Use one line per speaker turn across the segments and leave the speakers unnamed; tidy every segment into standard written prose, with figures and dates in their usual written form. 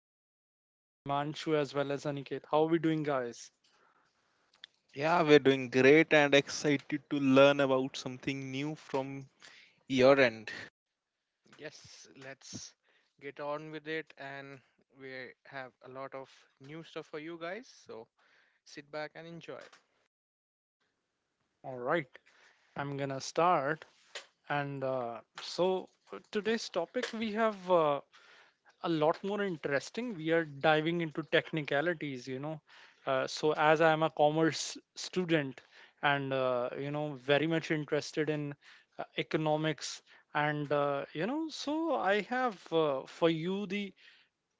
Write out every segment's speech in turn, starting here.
by my friends Himanshu as well as Aniket. How are we doing, guys?
Yeah, we're doing great and excited to learn about something new from your end.
Yes, let's get on with it. And we have a lot of new stuff for you guys. So sit back and enjoy.
All right, I'm gonna start. And so, today's topic we have a lot more interesting. We are diving into technicalities. So, as I am a commerce student and very much interested in economics, and so I have for you the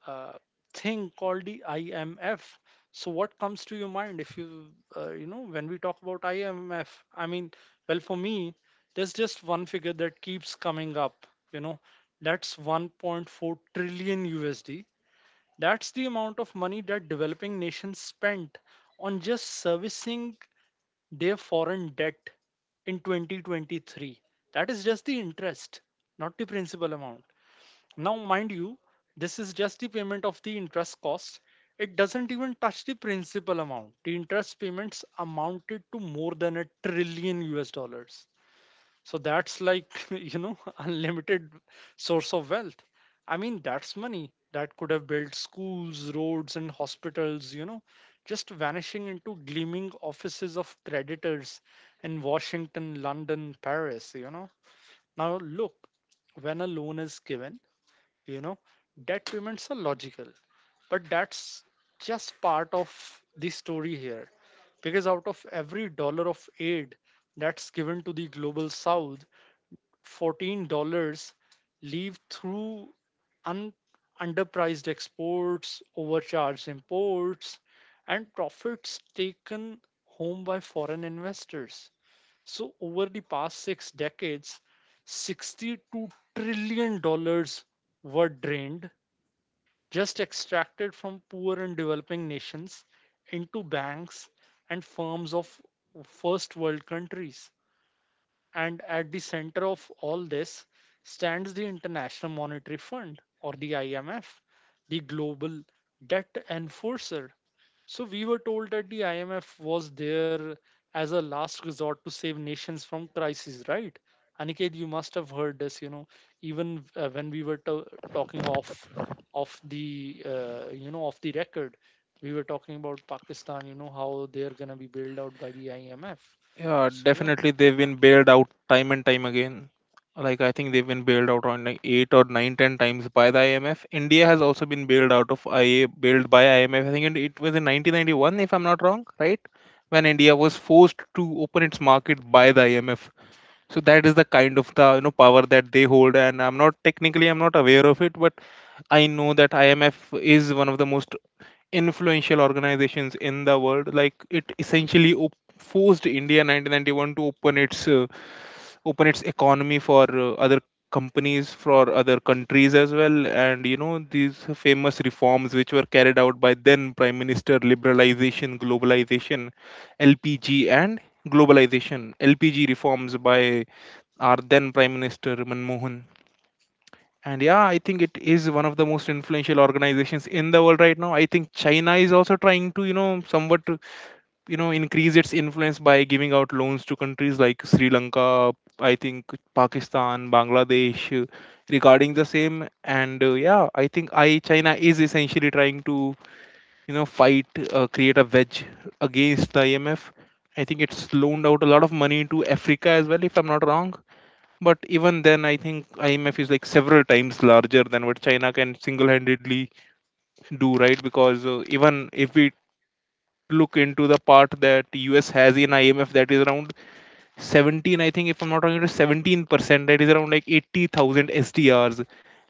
uh, thing called the IMF. So what comes to your mind if you you know when we talk about IMF? I mean, well, for me, there's just one figure that keeps coming up. You know, that's 1.4 trillion USD. That's the amount of money that developing nations spent on just servicing their foreign debt in 2023. That is just the interest, not the principal amount. Now, mind you, this is just the payment of the interest cost. It doesn't even touch the principal amount. The interest payments amounted to more than a trillion US dollars. So that's like, unlimited source of wealth. I mean, that's money that could have built schools, roads, and hospitals, just vanishing into gleaming offices of creditors in Washington, London, Paris. Now, look, when a loan is given, you know debt payments are logical, but that's just part of the story here, because out of every dollar of aid that's given to the global south, $14 leave through un- underpriced exports, overcharged imports, and profits taken home by foreign investors. So over the past 6 decades, $62 trillion were drained, just extracted from poor and developing nations into banks and firms of first world countries. And at the center of all this stands the International Monetary Fund, or the IMF, the global debt enforcer. So we were told that the IMF was there as a last resort to save nations from crises, right? Aniket, you must have heard this, even when we were talking off of the of the record. We were talking about Pakistan, how they're gonna be bailed out by the IMF.
Yeah,
So yeah,
definitely they've been bailed out time and time again. Like I think they've been bailed out on like eight or nine, ten times by the IMF. India has also been bailed by IMF. I think it was in 1991, if I'm not wrong, right? When India was forced to open its market by the IMF. So that is the kind of the power that they hold. And I'm not aware of it, but I know that IMF is one of the most influential organizations in the world. Like it essentially forced India 1991 to open its economy for other companies for other countries as well. And these famous reforms which were carried out by then prime minister, liberalization globalization lpg and globalization LPG reforms by our then prime minister Manmohan. And yeah, I think it is one of the most influential organizations in the world right now. I think China is also trying to, somewhat, to, increase its influence by giving out loans to countries like Sri Lanka, I think Pakistan, Bangladesh, regarding the same. And yeah, I think I China is essentially trying to, you know, fight, create a wedge against the IMF. I think it's loaned out a lot of money to Africa as well, if I'm not wrong. But even then, I think IMF is like several times larger than what China can single-handedly do, right? Because even if we look into the part that US has in IMF, that is around 17, I think, if I'm not wrong, it is 17%. That is around like 80,000 SDRs,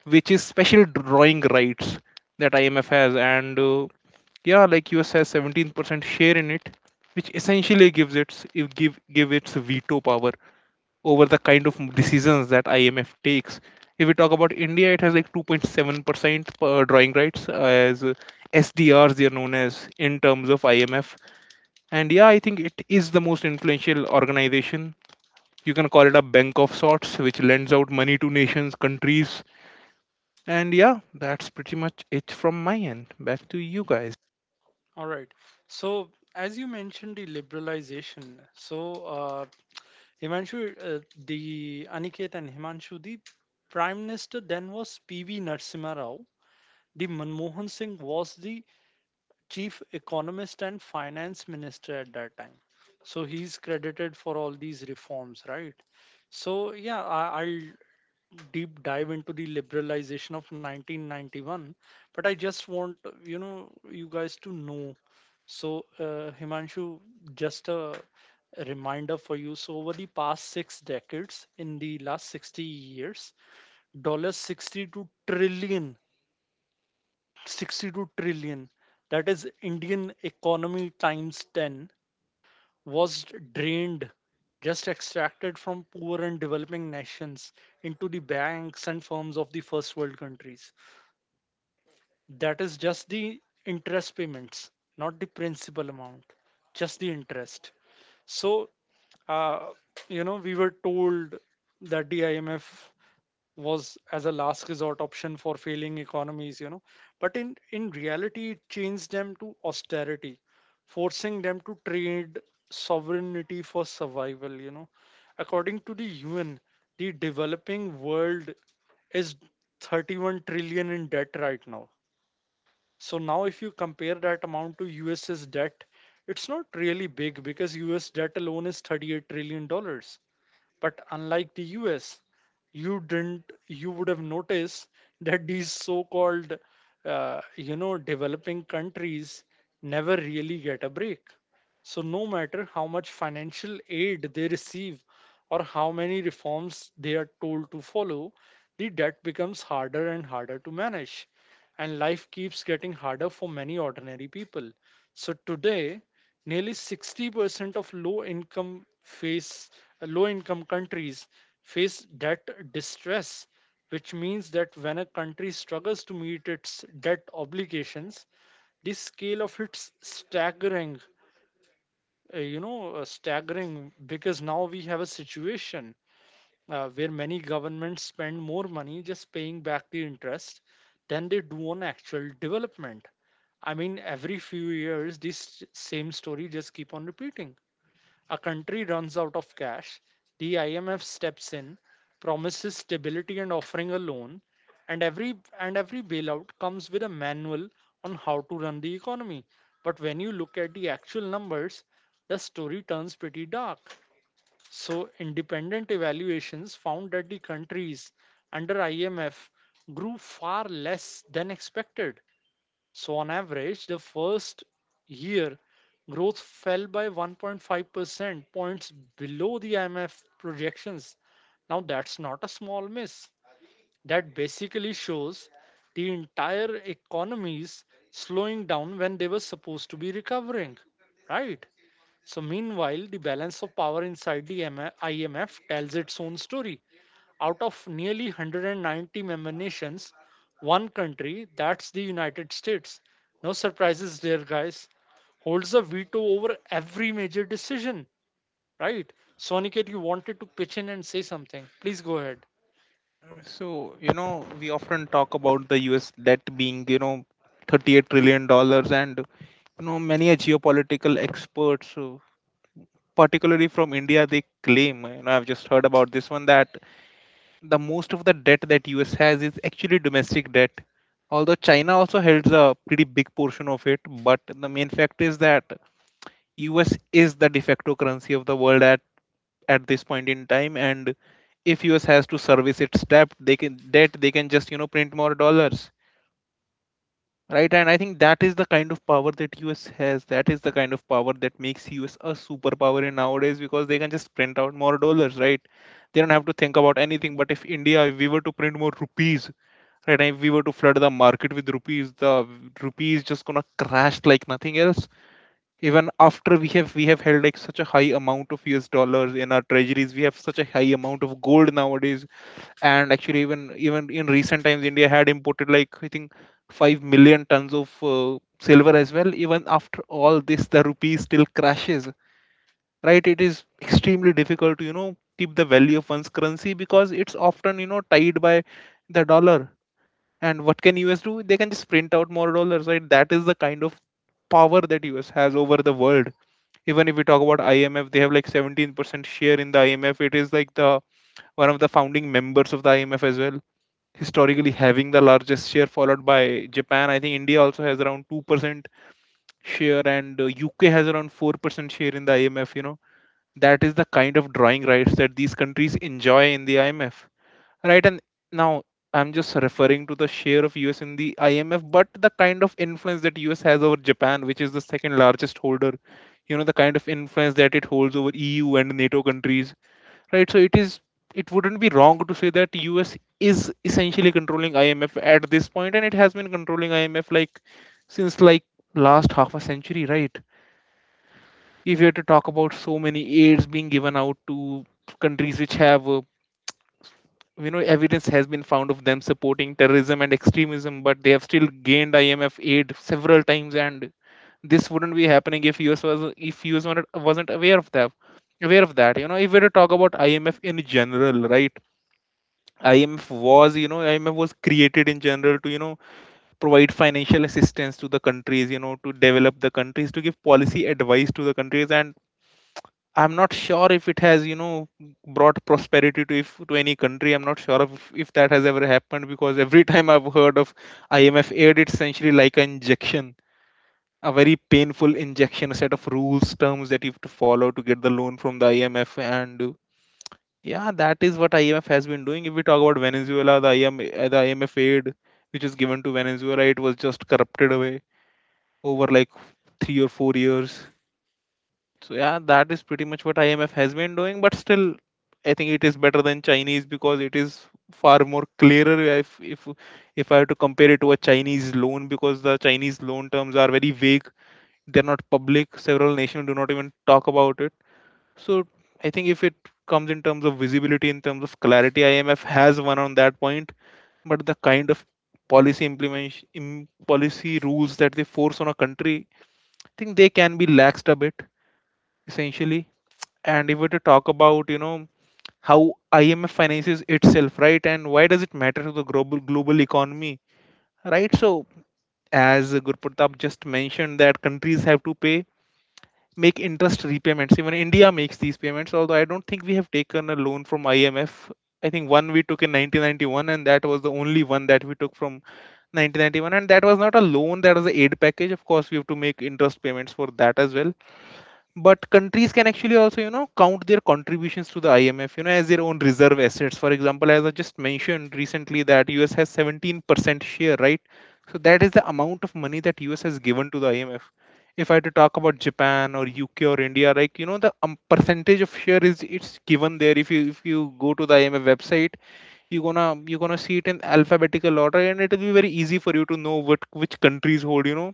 which is special drawing rights that IMF has. And yeah, like US has 17% share in it, which essentially gives its it give give its veto power over the kind of decisions that IMF takes. If we talk about India, it has like 2.7% drawing rights as SDRs, they are known as in terms of IMF. And yeah, I think it is the most influential organization. You can call it a bank of sorts, which lends out money to nations, countries. And yeah, that's pretty much it from my end. Back to you guys.
all right. So as you mentioned, the liberalization. So uh, Himanshu, the Aniket and Himanshu, the Prime Minister then was P.V. Narasimha Rao. The Manmohan Singh was the Chief Economist and Finance Minister at that time. So he's credited for all these reforms, right? So yeah, I'll deep dive into the liberalization of 1991, but I just want you guys to know. So, Himanshu, just a reminder for you. So, over the past 6 decades, in the last 60 years, dollars 62 trillion, 62 trillion, that is Indian economy times 10, was drained, just extracted from poor and developing nations into the banks and firms of the first world countries. That is just the interest payments, not the principal amount, just the interest. So, uh, we were told that the IMF was as a last resort option for failing economies. But in reality, it changed them to austerity, forcing them to trade sovereignty for survival. According to the UN, the developing world is 31 trillion in debt right now. So now if you compare that amount to US's debt, it's not really big because US debt alone is $38 trillion. But unlike the US, you didn't you would have noticed that these so-called developing countries never really get a break. So no matter how much financial aid they receive or how many reforms they are told to follow, the debt becomes harder and harder to manage, and life keeps getting harder for many ordinary people. So today, nearly 60% of low income countries face debt distress, which means that when a country struggles to meet its debt obligations, the scale of it's staggering you know staggering because now we have a situation where many governments spend more money just paying back the interest than they do on actual development. I mean, every few years, this same story just keep on repeating. A country runs out of cash, the IMF steps in, promises stability and offering a loan, and every and every bailout comes with a manual on how to run the economy. But when you look at the actual numbers, the story turns pretty dark. So, independent evaluations found that the countries under IMF grew far less than expected. So, on average, the first year growth fell by 1.5% points below the IMF projections. Now, that's not a small miss. That basically shows the entire economies slowing down when they were supposed to be recovering, right? So, meanwhile, the balance of power inside the MF IMF tells its own story. Out of nearly 190-member nations, one country, that's the United States, no surprises there, guys, holds a veto over every major decision, right? Soniket, you wanted to pitch in and say something. Please go ahead.
So, we often talk about the US debt being, $38 trillion. And many a geopolitical experts, particularly from India, they claim, I've just heard about this one, that the most of the debt that US has is actually domestic debt. Although China also holds a pretty big portion of it, but the main fact is that US is the de facto currency of the world at this point in time. And if US has to service its debt, they can just print more dollars, right? And I think that is the kind of power that US has, that is the kind of power that makes US a superpower in nowadays, because they can just print out more dollars, right? They don't have to think about anything, but if india if we were to print more rupees, right? And if we were to flood the market with rupees, the rupees just gonna crash like nothing else. Even after we have held like such a high amount of US dollars in our treasuries, we have such a high amount of gold nowadays. And actually, even in recent times, India had imported like I think 5 million tons of silver as well. Even after all this, the rupee still crashes. Right? It is extremely difficult to keep the value of one's currency, because it's often tied by the dollar. And what can US do? They can just print out more dollars, right? That is the kind of power that US has over the world. Even if we talk about IMF, they have like 17% share in the IMF. It is like the one of the founding members of the IMF as well. Historically, having the largest share, followed by Japan. I think India also has around 2% share, and UK has around 4% share in the IMF. That is the kind of drawing rights that these countries enjoy in the IMF. Right, and now I'm just referring to the share of US in the IMF, but the kind of influence that US has over Japan, which is the second largest holder, the kind of influence that it holds over EU and NATO countries, right? So it wouldn't be wrong to say that US is essentially controlling IMF at this point, and it has been controlling IMF like since like last half a century, right? If you were to talk about so many aids being given out to countries which have, evidence has been found of them supporting terrorism and extremism, but they have still gained IMF aid several times. And this wouldn't be happening if us was if us wasn't aware of that. If we were to talk about IMF in general, right? IMF was created in general to provide financial assistance to the countries, to develop the countries, to give policy advice to the countries. And I'm not sure if it has, brought prosperity to any country. I'm not sure if that has ever happened, because every time I've heard of IMF aid, it's essentially like an injection, a very painful injection, a set of rules, terms that you have to follow to get the loan from the IMF. And yeah, that is what IMF has been doing. If we talk about Venezuela, the IMF aid which is given to Venezuela, it was just corrupted away over like 3 or 4 years. So yeah, that is pretty much what IMF has been doing, but still, I think it is better than Chinese, because it is far more clearer, if I have to compare it to a Chinese loan, because the Chinese loan terms are very vague. They're not public. Several nations do not even talk about it. So I think if it comes in terms of visibility, in terms of clarity, IMF has one on that point. But the kind of policy rules that they force on a country, I think they can be laxed a bit essentially. And if we were to talk about, how IMF finances itself, right? And why does it matter to the global economy, right? So as Gurpratap just mentioned, that countries have to pay make interest repayments. Even India makes these payments, although I don't think we have taken a loan from IMF. I think one we took in 1991, and that was the only one that we took from 1991, and that was not a loan, that was an aid package. Of course, we have to make interest payments for that as well. But countries can actually also count their contributions to the IMF, as their own reserve assets. For example, as I just mentioned recently, that US has 17% share, right? So that is the amount of money that US has given to the IMF. If I had to talk about Japan or UK or India, like the percentage of share, is it's given there. If you go to the IMF website, you're gonna see it in alphabetical order, and it will be very easy for you to know what which countries hold,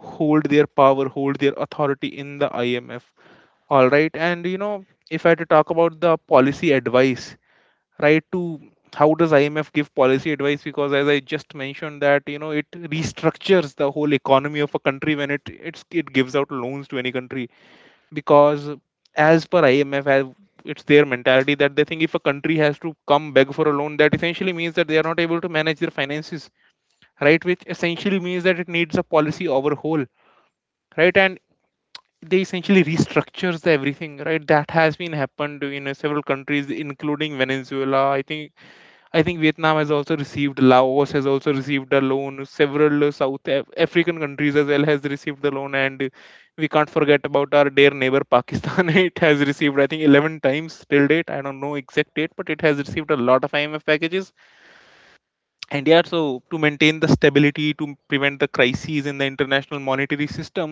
hold their power, hold their authority in the IMF. All right. And, if I had to talk about the policy advice, right, to how does IMF give policy advice? Because as I just mentioned that, it restructures the whole economy of a country when it gives out loans to any country. Because as per IMF, as it's their mentality that they think if a country has to come beg for a loan, that essentially means that they are not able to manage their finances, right? Which essentially means that it needs a policy overhaul, right? And they essentially restructures everything, right, that has been happened in several countries including Venezuela. I think Vietnam has also received, Laos has also received a loan, several South African countries as well has received the loan. And we can't forget about our dear neighbor Pakistan. It has received, I think, 11 times till date. I don't know exact date, but it has received a lot of IMF packages. And yeah, so to maintain the stability, to prevent the crises in the international monetary system,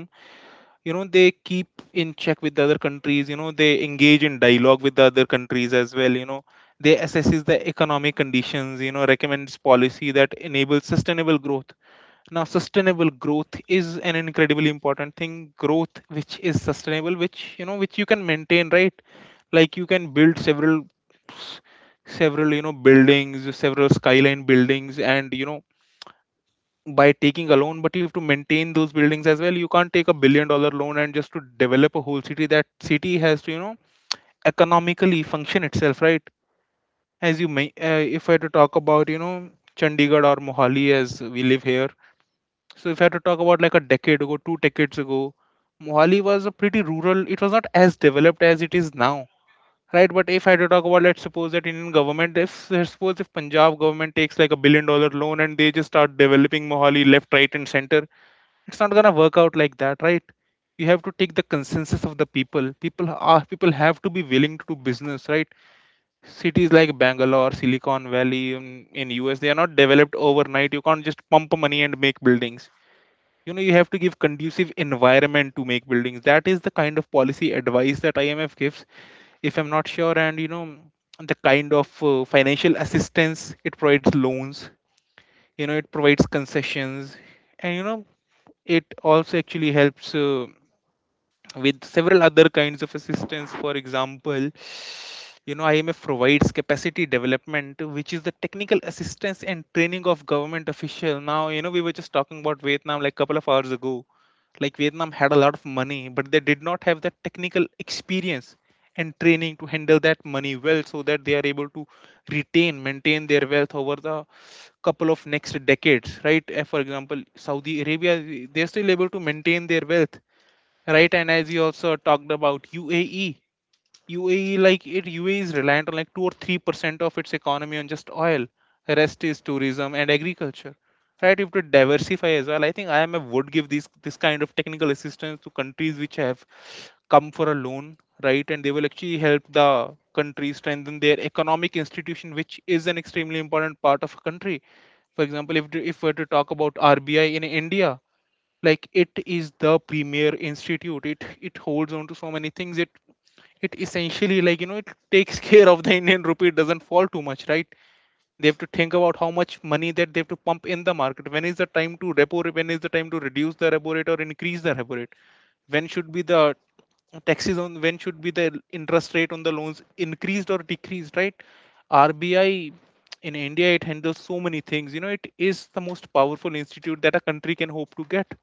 you know, they keep in check with the other countries. You know, they engage in dialogue with the other countries as well. You know, they assesses the economic conditions, you know, recommends policy that enables sustainable growth. Now, sustainable growth is an incredibly important thing. Growth which is sustainable, which, you know, which you can maintain, right? Like, you can build several buildings, several skyline buildings, and, you know, by taking a loan, but you have to maintain those buildings as well. You can't take $1 billion loan and just to develop a whole city. That city has to, economically function itself, right? As you may, if I had to talk about, Chandigarh or Mohali as we live here. So if I had to talk about like a decade ago, 2 decades ago, Mohali was a pretty rural. It was not as developed as it is now, right? But if I had to talk about, let's suppose that Indian government, if let's suppose if Punjab government takes like $1 billion loan and they just start developing Mohali left, right, and center, it's not gonna work out like that, right? You have to take the consensus of the people. People are People have to be willing to do business, right? Cities like Bangalore, Silicon Valley in US, they are not developed overnight. You can't just pump money and make buildings. You know, you have to give conducive environment to make buildings. That is the kind of policy advice that IMF gives, if I'm not sure. And, you know, the kind of financial assistance it provides, loans, you know, it provides concessions. And, you know, it also actually helps with several other kinds of assistance. For example, you know, IMF provides capacity development, which is the technical assistance and training of government official. Now, you know, we were just talking about Vietnam like a couple of hours ago. Like Vietnam had a lot of money, but they did not have the technical experience and training to handle that money well so that they are able to retain, maintain their wealth over the couple of next decades, right? For example, Saudi Arabia, they are still able to maintain their wealth, right? And as you also talked about UAE, UAE, like it UAE is reliant on like 2 or 3% of its economy on just oil. The rest is tourism and agriculture, right? You have to diversify as well. I think IMF would give these this kind of technical assistance to countries which have come for a loan, right? And they will actually help the country strengthen their economic institution, which is an extremely important part of a country. For example, if we're to talk about RBI in India, like it is the premier institute. It holds on to so many things. It essentially, like, you know, it takes care of the Indian rupee. It doesn't fall too much, right? They have to think about how much money that they have to pump in the market. When is the time to when is the time to reduce the repo rate or increase the repo rate. When should be the taxes on, when should be the interest rate on the loans increased or decreased, right? RBI in India, it handles so many things. You know, it is the most powerful institute that a country can hope to get,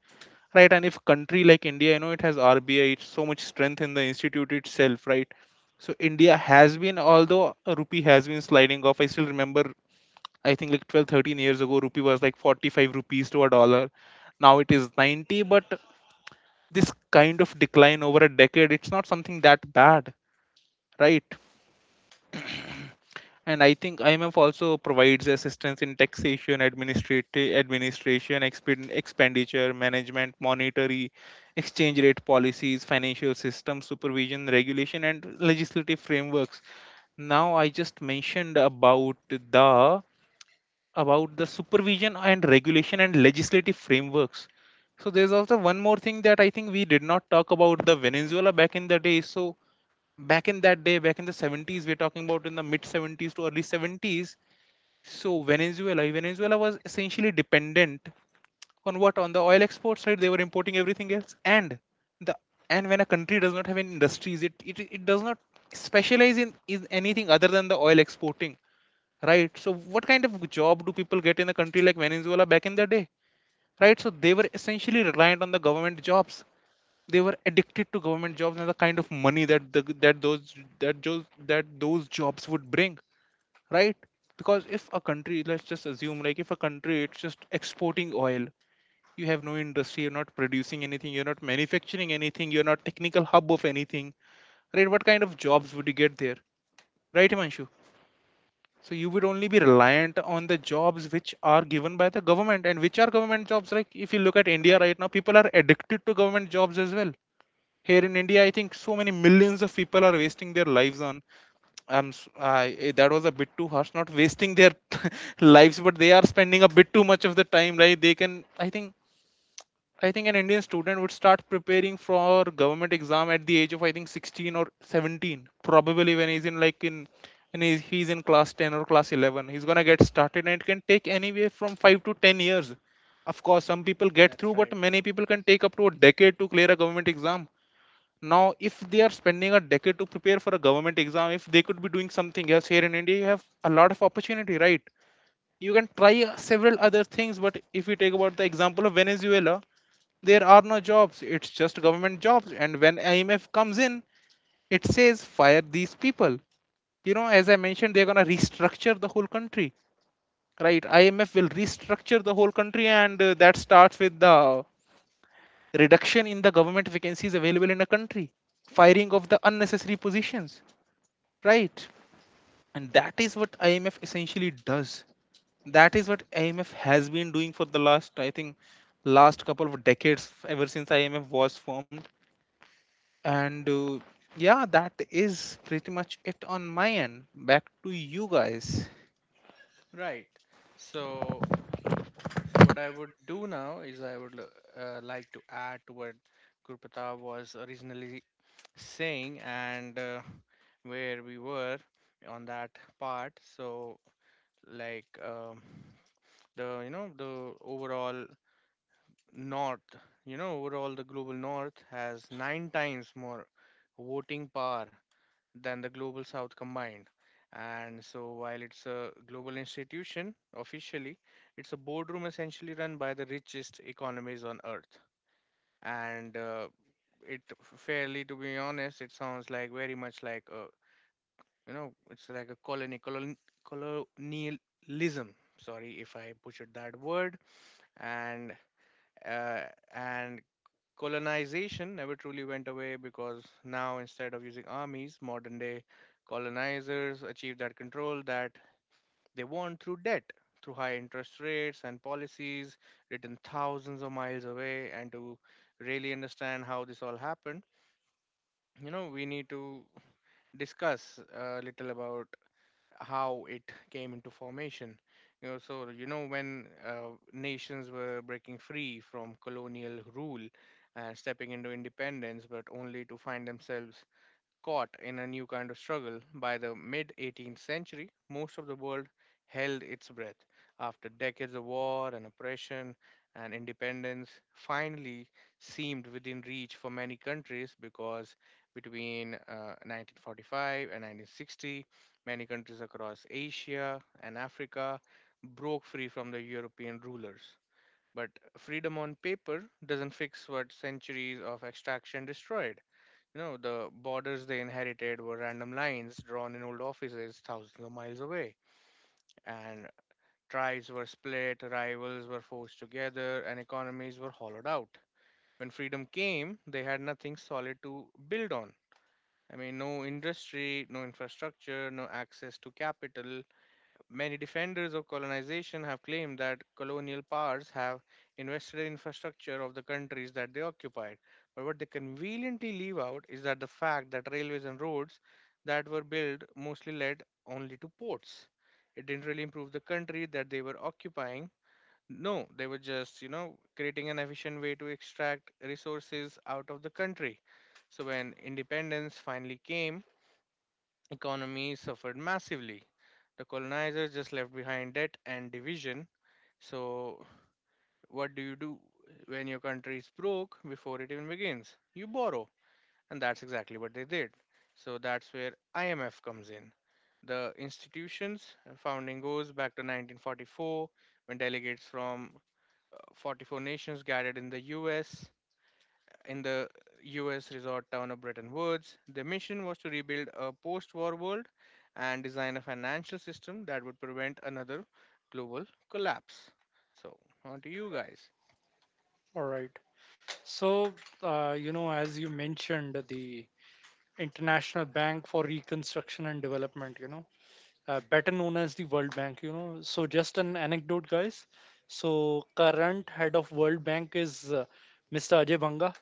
right? And if country like India, you know, it has RBI, it's so much strength in the institute itself, right? So India has been, although a rupee has been sliding off, I still remember, I think, like 12, 13 years ago rupee was like 45 rupees to a dollar. Now it is 90. But this kind of decline over a decade, it's not something that bad, right? And I think IMF also provides assistance in taxation, administrative administration, expenditure, management, monetary, exchange rate policies, financial system supervision, regulation, and legislative frameworks. Now I just mentioned about the supervision and regulation and legislative frameworks. So there's also one more thing that I think we did not talk about, the Venezuela back in the day. So back in that day, back in the 70s, we're talking about in the mid 70s to early 70s. So Venezuela was essentially dependent on what? On the oil export side they were importing everything else, the and when a country does not have any industries, it does not specialize in anything other than the oil exporting, right? So what kind of job do people get in a country like Venezuela back in the day, right? So they were essentially reliant on the government jobs. They were addicted to government jobs and the kind of money that the, that those that those that those jobs would bring, right? Because if a country, let's just assume, like if a country it's just exporting oil, you have no industry, you're not producing anything, you're not manufacturing anything, you're not technical hub of anything, right? What kind of jobs would you get there, right, Himanshu? So you would only be reliant on the jobs which are given by the government and which are government jobs. Like if you look at India
Right.
right now, people are addicted to government jobs as well. Here in India, I think so many millions of people are wasting their lives on. I'm s- I eh, That was a bit too harsh. Not wasting their lives, but they are spending a bit too much of the time. Like they can, I think an Indian student would start preparing for government exam at the age of I think 16 or 17, probably when he's and he's in class 10 or class 11. He's gonna get started, and it can take anywhere from 5 to 10 years. Of course, some people get
That's
through, but
right.
many people can take up to a decade to clear a government exam. Now if they are spending a decade to prepare for a government exam, if they could be doing something else. Here in India, you have a lot of opportunity, right? You can try several other things. But if you take about the example of Venezuela, there are no jobs. It's just government jobs. And when IMF comes in, it says fire these people. You know, as I mentioned, they're going to restructure the whole country, right? IMF will restructure the whole country, and that starts with the reduction in the government vacancies available in a country, firing of the unnecessary positions. Right. And that is what IMF essentially does. That is what IMF has been doing for the last, I think, last couple of decades, ever since IMF was formed. And yeah, that is pretty much it on my end. Back to you guys.
Right. So what I would do now is like to add to what Gurpata was originally saying and where we were on that part. Like um, the you know the overall North, you know, overall, the global North has nine times more voting power than the global South combined. And so, while it's a global institution officially, it's a boardroom essentially run by the richest economies on earth. And It fairly, to be honest, it sounds like very much like a, you know, it's like a colonialism. Sorry if I butchered that word. And uh, and colonization never truly went away because now, instead of using armies, modern day colonizers achieve that control that they want through debt, through high interest rates and policies written thousands of miles away. And to really understand how this all happened, you know, we need to discuss a little about how it came into formation. You know, so you know when nations were breaking free from colonial rule and stepping into independence, but only to find themselves caught in a new kind of struggle. By the mid 18th century, most of the world held its breath. After decades of war and oppression, and independence finally seemed within reach for many countries because between 1945 and 1960, many countries across Asia and Africa broke free from the European rulers. But freedom on paper doesn't fix what centuries of extraction destroyed. You know, the borders they inherited were random lines drawn in old offices thousands of miles away, and tribes were split, rivals were forced together, and economies were hollowed out. When freedom came, they had nothing solid to build on. I mean, no industry, no infrastructure, no access to capital. Many defenders of colonization have claimed that colonial powers have invested in infrastructure of the countries that they occupied. But what they conveniently leave out is that the fact that railways and roads that were built mostly led only to ports. It didn't really improve the country that they were occupying. No, they were just, you know, creating an efficient way to extract resources out of the country. So when independence finally came, economy suffered massively. The colonizers just left behind debt and division. So, what do you do when your country is broke before it even begins? You borrow, and that's exactly what they did. So, that's where IMF comes in. The institution's founding goes back to 1944 when delegates from 44 nations gathered in the US, in the US resort town of Bretton Woods. Their mission was to rebuild a post war world and design a financial system that would prevent another global collapse. So, on to you guys.
All right. So, as you mentioned, the International Bank for Reconstruction and Development, better known as the World Bank. So, just an anecdote, guys. So, current head of World Bank is Mr. Ajay Banga.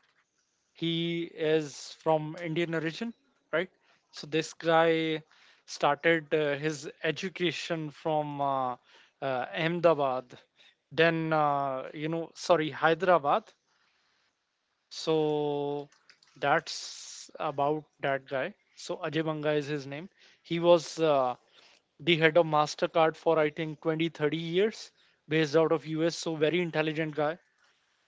He is from Indian origin, right? So, this guy started his education from Ahmedabad, then, sorry, Hyderabad. So, that's about that guy. So, Ajay Banga is his name. He was the head of Mastercard for I think 20 30 years, based out of US. So very intelligent guy.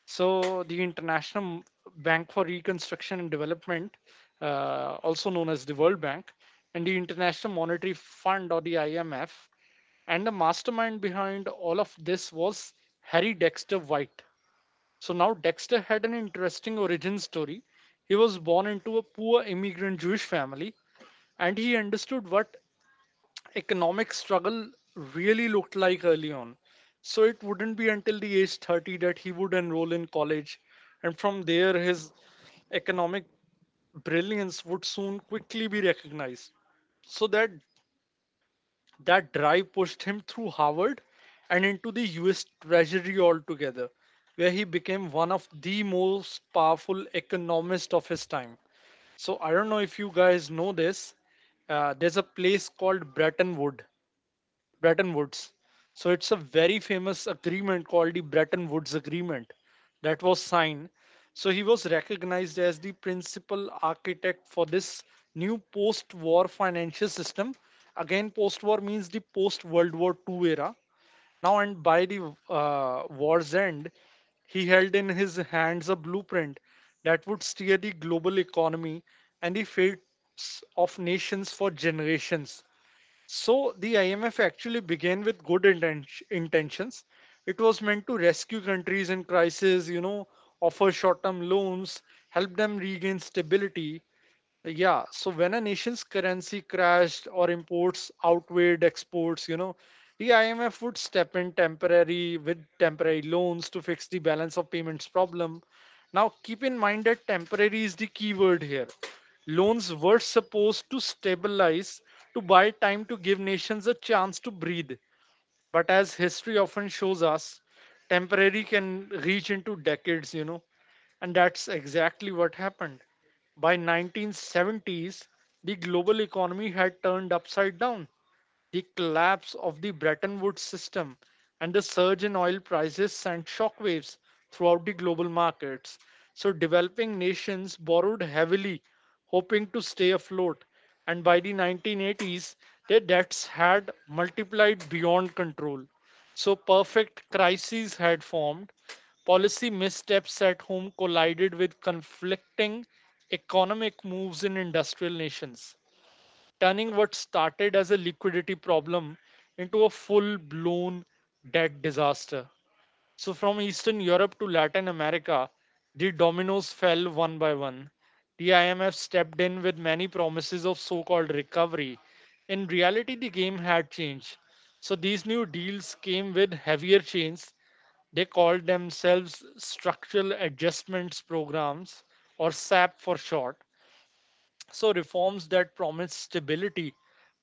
So the International Bank for Reconstruction and Development, also known as the World Bank, and the International Monetary Fund or the IMF, and the mastermind behind all of this was Harry Dexter White. So now, Dexter had an interesting origin story. He was born into a poor immigrant Jewish family, and he understood what economic struggle really looked like early on. So it wouldn't be until the age 30 that he would enroll in college, and from there, his economic brilliance would soon quickly be recognized. So that drive pushed him through Harvard and into the US Treasury altogether, where he became one of the most powerful economists of his time. So I don't know if you guys know this. There's a place called Bretton Woods. So it's a very famous agreement called the Bretton Woods Agreement that was signed. So he was recognized as the principal architect for this new post war financial system. Again, post war means the post World War II era. Now, and by the war's end, he held in his hands a blueprint that would steer the global economy and the fates of nations for generations. So the IMF actually began with good intentions. It was meant to rescue countries in crisis, offer short term loans, help them regain stability. Yeah, so when a nation's currency crashed or imports outweighed exports, the IMF would step in temporary with temporary loans to fix the balance of payments problem. Now, keep in mind that temporary is the key word here. Loans were supposed to stabilize, to buy time, to give nations a chance to breathe. But as history often shows us, temporary can reach into decades, and that's exactly what happened. By 1970s, the global economy had turned upside down, the collapse of the Bretton Woods system, and the surge in oil prices sent shockwaves throughout the global markets. So, developing nations borrowed heavily, hoping to stay afloat, and by the 1980s, their debts had multiplied beyond control. So, perfect crises had formed. Policy missteps at home collided with conflicting economic moves in industrial nations, turning what started as a liquidity problem into a full blown debt disaster. So, from Eastern Europe to Latin America, the dominoes fell one by one. The IMF stepped in with many promises of so called recovery. In reality, the game had changed. So, these new deals came with heavier chains. They called themselves Structural Adjustments Programs, or SAP for short. So reforms that promised stability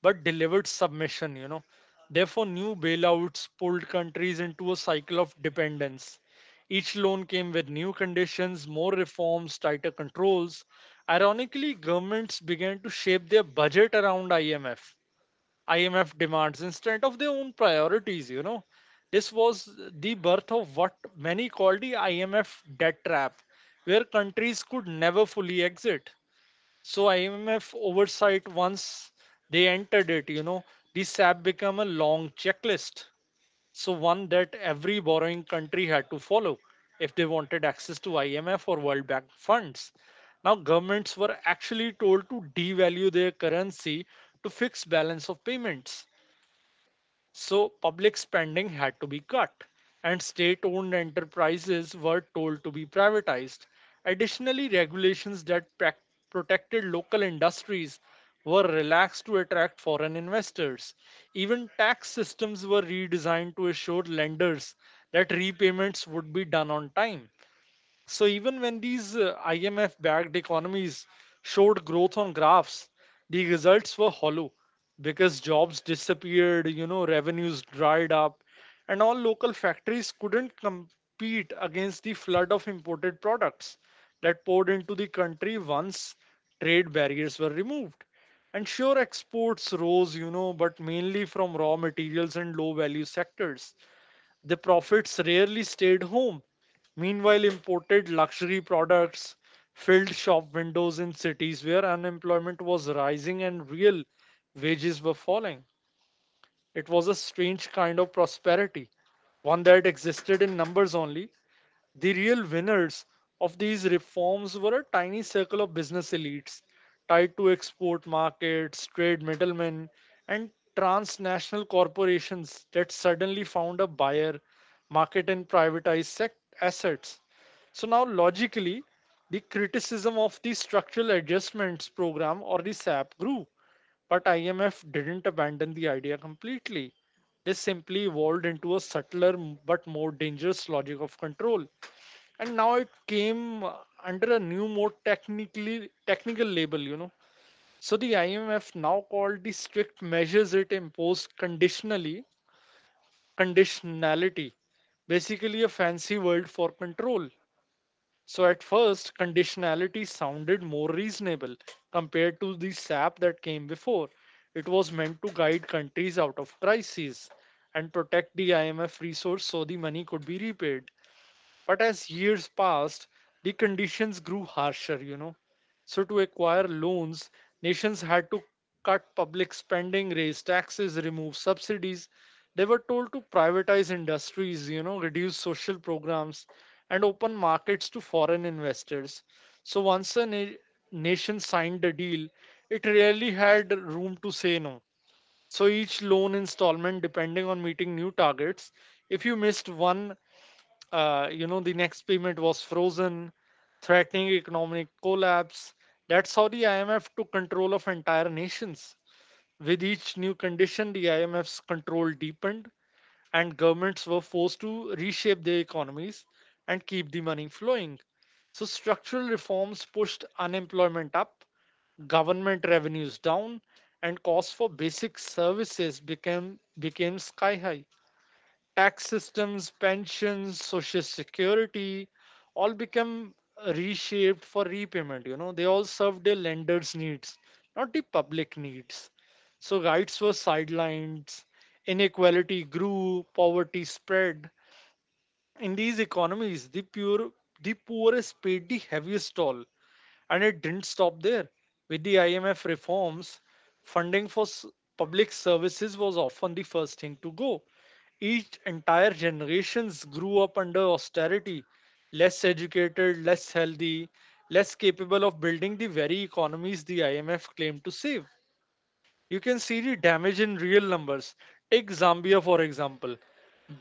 but delivered submission. Therefore, new bailouts pulled countries into a cycle of dependence. Each loan came with new conditions, more reforms, tighter controls. Ironically, governments began to shape their budget around IMF demands instead of their own priorities. This was the birth of what many called the IMF debt trap, where countries could never fully exit. So, IMF oversight, once they entered it, the SAP became a long checklist. So one that every borrowing country had to follow if they wanted access to IMF or World Bank funds. Now governments were actually told to devalue their currency to fix balance of payments. So public spending had to be cut, and state owned enterprises were told to be privatized. Additionally, regulations that protected local industries were relaxed to attract foreign investors. Even tax systems were redesigned to assure lenders that repayments would be done on time. So even when these IMF backed economies showed growth on graphs, the results were hollow because jobs disappeared, you know, revenues dried up, and all local factories couldn't compete against the flood of imported products that poured into the country once trade barriers were removed. And sure, exports rose, you know, but mainly from raw materials and low value sectors, the prophets rarely stayed home. Meanwhile, imported luxury products filled shop windows in cities where unemployment was rising and real wages were falling. It was a strange kind of prosperity, one that existed in numbers only. The real winners of these reforms were a tiny circle of business elites tied to export markets, trade middlemen, and transnational corporations that suddenly found a buyer, market, and assets. So, now logically, the criticism of the Structural Adjustments Program, or the SAP, grew, but IMF didn't abandon the idea completely. They simply evolved into a but more dangerous logic of control, and now it came under a new, more technical label. You know so the IMF now called the strict measures it imposed conditionally, conditionality, basically a fancy word for control. So at first conditionality sounded more reasonable compared to the SAP that came before. It was meant to guide countries out of crises and protect the IMF resource so the money could be repaid. But as years passed, the conditions grew harsher. You know. So, to acquire loans, nations had to cut public spending, raise taxes, remove subsidies. They were told to privatize industries, you know, reduce social programs, and open markets to foreign investors. So, once nation signed a deal, it rarely had room to say no. So, each loan installment, depending on meeting new targets, if you missed one, the next payment was frozen, threatening economic collapse. That's how the IMF took control of entire nations. With each new condition, the IMF's control deepened, and governments were forced to reshape their economies and keep the money flowing. So, structural reforms pushed unemployment up, government revenues down, and costs for basic services became sky high. Tax systems, pensions, social security all become reshaped for repayment. You know, they all served the lender's needs, not the public needs. So rights were sidelined, inequality grew, poverty spread. In these economies, the poorest paid the heaviest toll. And it didn't stop there. With the IMF reforms, funding for public services was often the first thing to go. Each entire generations grew up under austerity, less educated, less healthy, less capable of building the very economies the IMF claimed to save. You can see the damage in real numbers. Take Zambia, for example.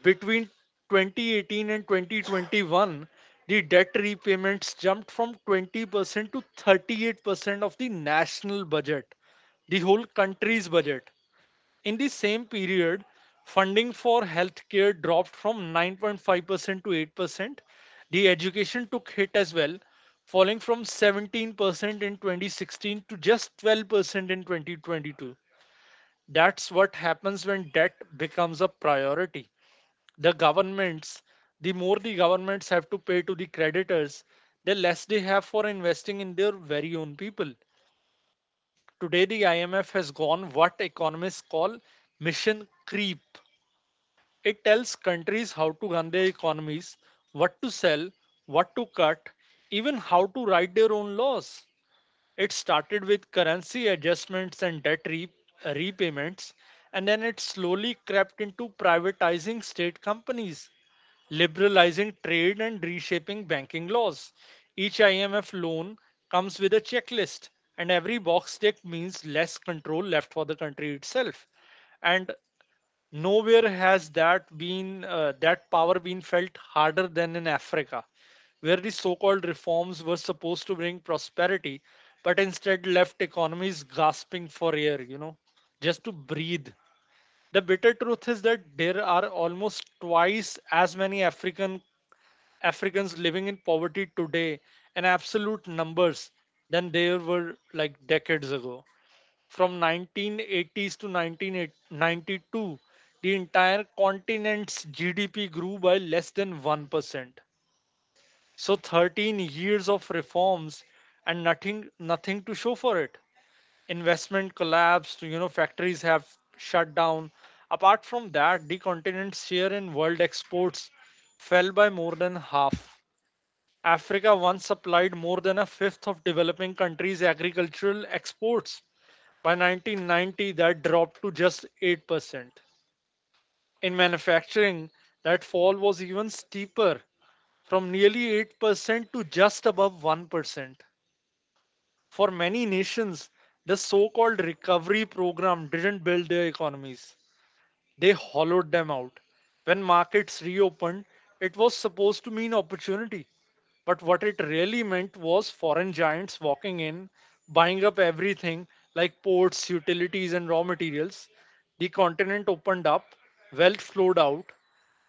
Between 2018 and 2021, the debt repayments jumped from 20% to 38% of the national budget, the whole country's budget. In the same period, funding for healthcare dropped from 9.5% to 8%. The education took hit as well, falling from 17% in 2016 to just 12% in 2022. That's what happens when debt becomes a priority. The governments, the more the governments have to pay to the creditors, the less they have for investing in their very own people. Today, the IMF has gone what economists call mission creep. It tells countries how to run their economies, what to sell, what to cut, even how to write their own laws. It started with currency adjustments and repayments, and then it slowly crept into privatizing state companies, liberalizing trade, and reshaping banking laws. Each IMF loan comes with a checklist, and every box tick means less control left for the country itself. And nowhere has that power been felt harder than in Africa, where the so-called reforms were supposed to bring prosperity, but instead left economies gasping for air, you know, just to breathe. The bitter truth is that there are almost twice as many Africans living in poverty today, in absolute numbers, than there were like decades ago. From 1980s to 1992, the entire continent's GDP grew by less than 1%. So 13 years of reforms and nothing to show for it. Investment collapsed, you know, factories have shut down. Apart from that, the continent's share in world exports fell by more than half. Africa once supplied more than a fifth of developing countries' agricultural exports. By 1990, that dropped to just 8%. In manufacturing, that fall was even steeper, from nearly 8% to just above 1%. For many nations, the so called recovery program didn't build their economies. They hollowed them out. When markets reopened, it was supposed to mean opportunity. But what it really meant was foreign giants walking in, buying up everything like ports, utilities, and raw materials. The continent opened up, wealth flowed out.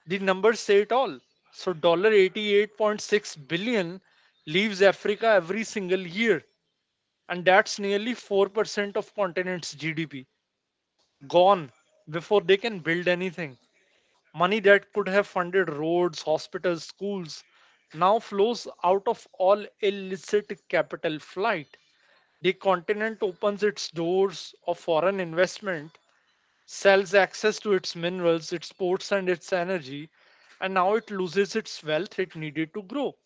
The numbers say it all. So $88.6 leaves Africa every single year. And that's nearly 4% of continent's GDP gone before they can build anything. Money that could have funded roads, hospitals, schools now flows out of all illicit capital flight. The continent opens its doors of foreign investment, sells access to its minerals, its ports, and its energy, and now it loses its wealth it needed to grow.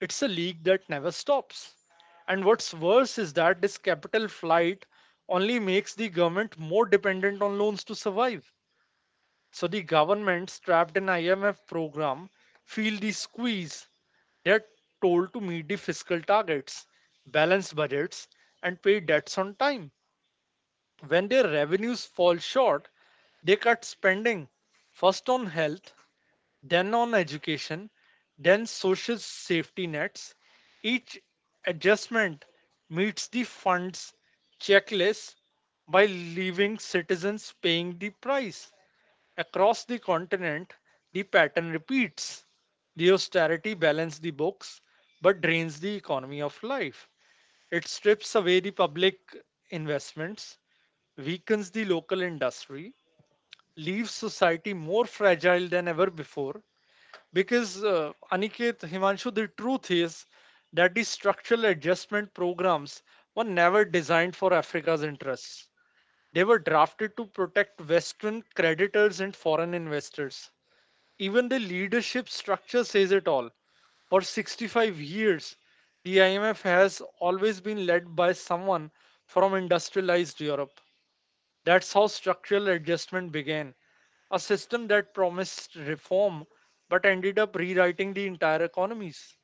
It's a leak that never stops. And what's worse is that this capital flight only makes the government more dependent on loans to survive. So the governments trapped in IMF program feel the squeeze. They're told to meet the fiscal targets, balance budgets, and pay debts on time. When their revenues fall short, they cut spending, first on health, then on education, then social safety nets. Each adjustment meets the fund's checklist by leaving citizens paying the price. Across the continent, the pattern repeats. The austerity balances the books but drains the economy of life. It strips away the public investments, weakens the local industry, leaves society more fragile than ever before, because Aniket, Himanshu, the truth is that the structural adjustment programs were never designed for Africa's interests. They were drafted to protect Western creditors and foreign investors. Even the leadership structure says it all. For 65 years, the IMF has always been led by someone from industrialized Europe. That's how structural adjustment began, a system that promised reform but ended up rewriting the entire economies.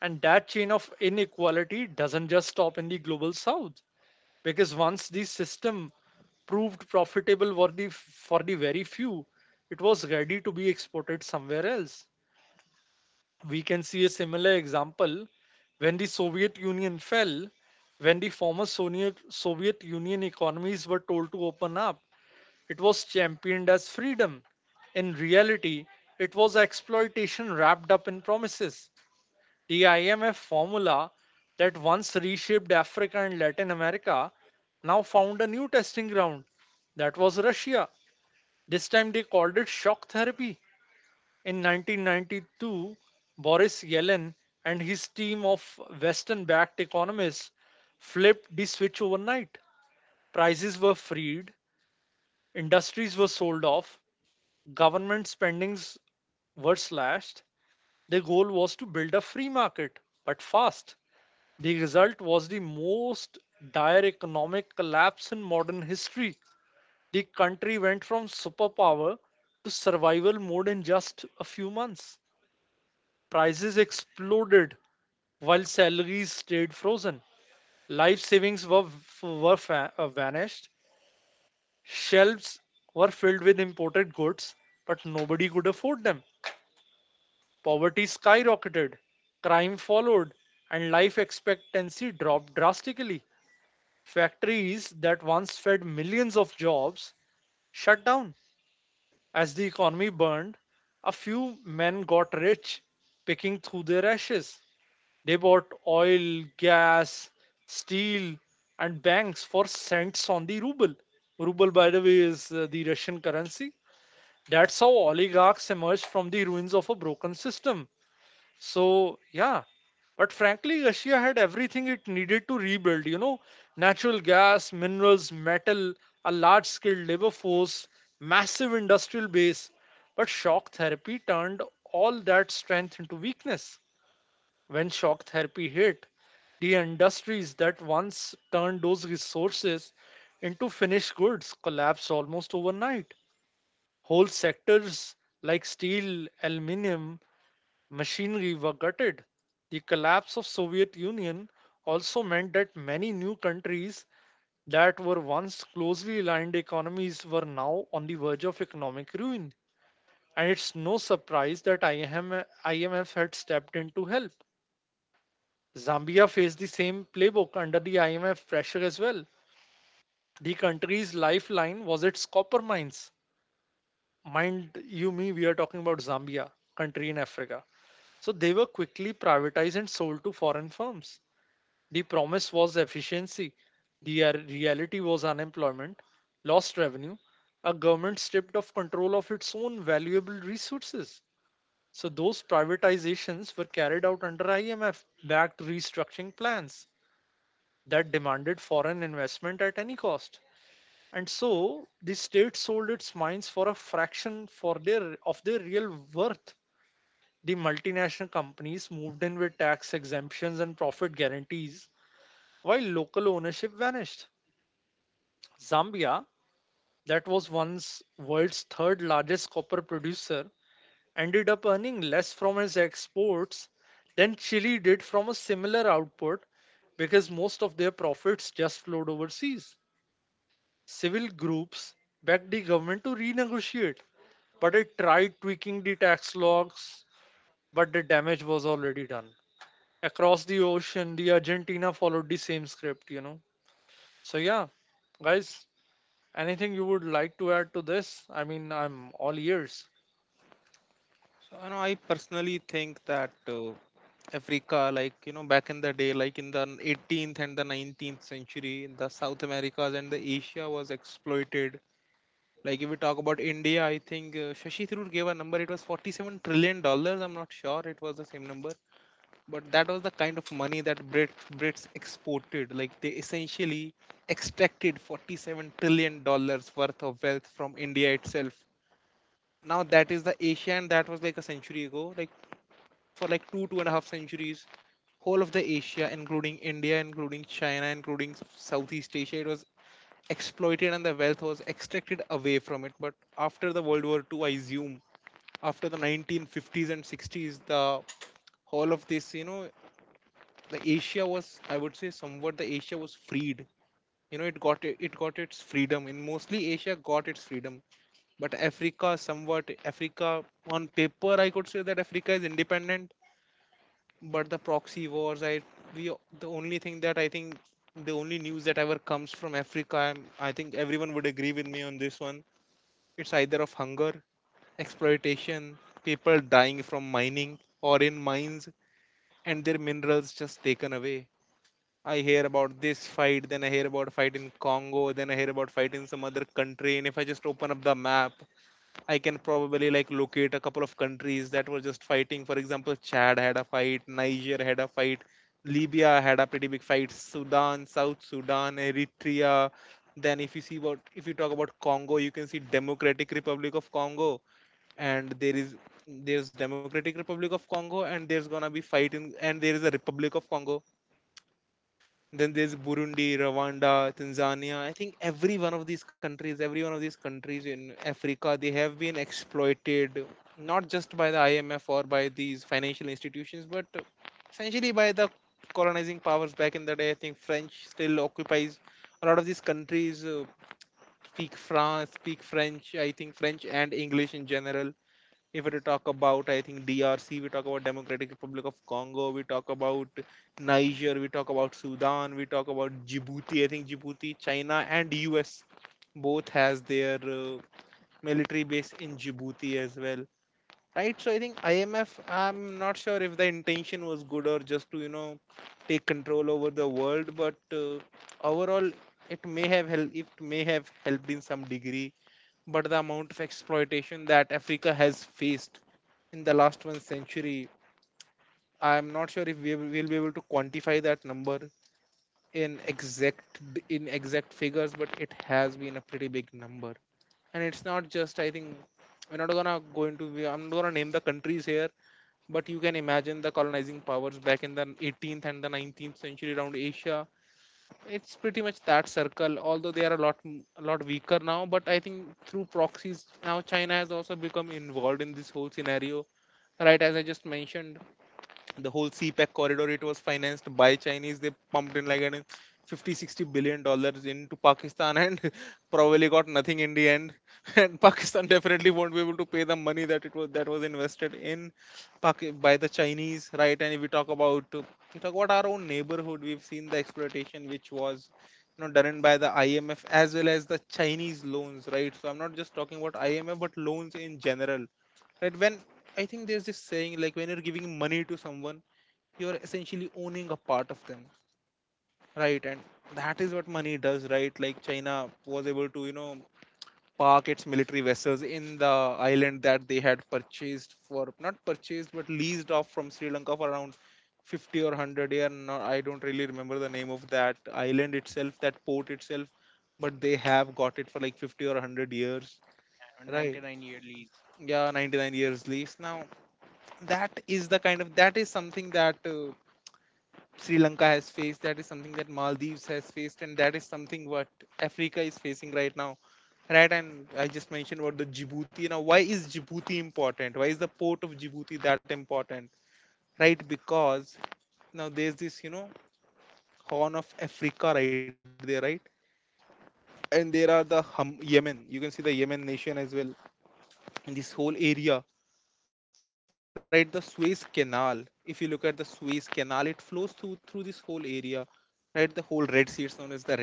And that chain of inequality doesn't just stop in the global south, because once the system proved profitable for for the very few, it was ready to be exported somewhere else. We can see a similar example when the Soviet Union fell. When the Soviet Union economies were told to open up, it was championed as freedom. In reality, it was exploitation wrapped up in promises. The IMF formula that once reshaped Africa and Latin America now found a new testing ground. That was Russia. This time they called it shock therapy. In 1992, Boris Yellen and his team of Western backed economists flipped the switch overnight. Prices were freed, industries were sold off, government spendings were slashed. Their goal was to build a free market, but fast. The result was the most dire economic collapse in modern history. The country went from superpower to survival mode in just a few months. Prices exploded while salaries stayed frozen. Life savings were vanished. Shelves were filled with imported goods, but nobody could afford them. Poverty skyrocketed, crime followed, and life expectancy dropped drastically. Factories that once fed millions of jobs shut down. As the economy burned, a few men got rich, picking through their ashes. They bought oil, gas, steel, and banks for cents on the ruble. Ruble, by the way, is the Russian currency. That's how oligarchs emerged from the ruins of a broken system. So, yeah. But frankly, Russia had everything it needed to rebuild, you know, natural gas, minerals, metal, a large skilled labor force, massive industrial base. But shock therapy turned all that strength into weakness. When shock therapy hit, the industries that once turned those resources into finished goods collapsed almost overnight. Whole sectors like steel, aluminium, machinery were gutted. The collapse of Soviet Union also meant that many new countries that were once closely aligned economies were now on the verge of economic ruin. And it's no surprise that IMF had stepped in to help. Zambia faced the same playbook under the IMF pressure as well. The country's lifeline was its copper mines. Mind you, me, we are talking about Zambia, country in Africa. So they were quickly privatized and sold to foreign firms. The promise was efficiency. The reality was unemployment, lost revenue, a government stripped of control of its own valuable resources. So those privatizations were carried out under IMF backed restructuring plans that demanded foreign investment at any cost. And so the state sold its mines for a fraction for their of their real worth. The multinational companies moved in with tax exemptions and profit guarantees while local ownership vanished. Zambia, that was once world's third largest copper producer, ended up earning less from its exports than Chile did from a similar output because most of their profits just flowed overseas. Civil groups begged the government to renegotiate, but it tried tweaking the tax logs, but the damage was already done. Across the ocean, the Argentina followed the same script. You know. So yeah, guys, anything you would like to add to this? I mean, I'm all ears.
So, you know, I personally think that Africa, like, you know, back in the day, like in the 18th and the 19th century, the South Americas and the Asia was exploited. Like if we talk about India, I think Shashi Tharoor gave a number. It was $47 trillion. I'm not sure it was the same number, but that was the kind of money that Brits exported. Like they essentially extracted $47 trillion worth of wealth from India itself. Now that is the Asia, and that was like a century ago. Like for like two and a half centuries, whole of the Asia, including India, including China, including Southeast Asia, it was exploited and the wealth was extracted away from it. But after the World War II, I assume after the 1950s and 60s, the all of this, you know, the Asia was, I would say, somewhat the Asia was freed. You know, it got its freedom, and mostly Asia got its freedom. But Africa, somewhat Africa, on paper, I could say that Africa is independent. But the proxy wars, I we the only thing that I think, the only news that ever comes from Africa, I think everyone would agree with me on this one. It's either of hunger, exploitation, people dying from mining or in mines, and their minerals just taken away. I hear about this fight, then I hear about a fight in Congo, then I hear about fight in some other country. And if I just open up the map, I can probably like locate a couple of countries that were just fighting. For example, Chad had a fight, Niger had a fight, Libya had a pretty big fight, Sudan, South Sudan, Eritrea. Then if you talk about Congo, you can see Democratic Republic of Congo. And there's Democratic Republic of Congo, and there's gonna be fight in and there is a Republic of Congo. Then there's Burundi, Rwanda, Tanzania. I think every one of these countries every one of these countries in Africa, they have been exploited not just by the IMF or by these financial institutions, but essentially by the colonizing powers back in the day. I think French still occupies a lot of these countries speak French. I think French and English in general. If we talk about, I think DRC, we talk about Democratic Republic of Congo, we talk about Niger, we talk about Sudan, we talk about Djibouti. I think Djibouti, China, and US both has their military base in Djibouti as well. Right, so I think IMF. I'm not sure if the intention was good or just to take control over the world, but overall it may have helped. It may have helped in some degree, but the amount of exploitation that Africa has faced in the last one century. I'm not sure if we will be able to quantify that number in exact in exact figures, but it has been a pretty big number. And it's not just, I think we're not gonna go into we- I'm not gonna name the countries here, but you can imagine the colonizing powers back in the 18th and the 19th century around Asia. It's pretty much that circle, although they are a lot weaker now. But I think through proxies now, China has also become involved in this whole scenario, right? As I just mentioned, the whole CPEC corridor, it was financed by Chinese. They pumped in like an 50, 60 billion dollars into Pakistan, and probably got nothing in the end. And Pakistan definitely won't be able to pay the money that was invested in by the Chinese, right? And if we talk about we talk about our own neighborhood, we've seen the exploitation which was done by the IMF as well as the Chinese loans, right? So I'm not just talking about IMF but loans in general. Right? When I think there's this saying, like, when you're giving money to someone, you're essentially owning a part of them, right? And that is what money does, right? Like, China was able to park its military vessels in the island that they had purchased for not purchased but leased off from Sri Lanka for around 50 or 100 years. No- I don't really remember the name of that island itself, that port itself, but they have got it for like 50 or 100 years, right?
99-year lease.
Yeah, 99 years lease. Now, that is the kind of that is something that Sri Lanka has faced, that is something that Maldives has faced, and that is something what Africa is facing right now. Right, and I just mentioned about the Djibouti. Now, why is Djibouti important? Why is the port of Djibouti that important? Right, because now there's this, Horn of Africa right there, right? And there are Yemen. You can see the Yemen nation as well in this whole area, right? The Suez Canal. If you look at the Suez Canal, it flows through this whole area, right? The whole Red Sea, it's known as the Red Sea.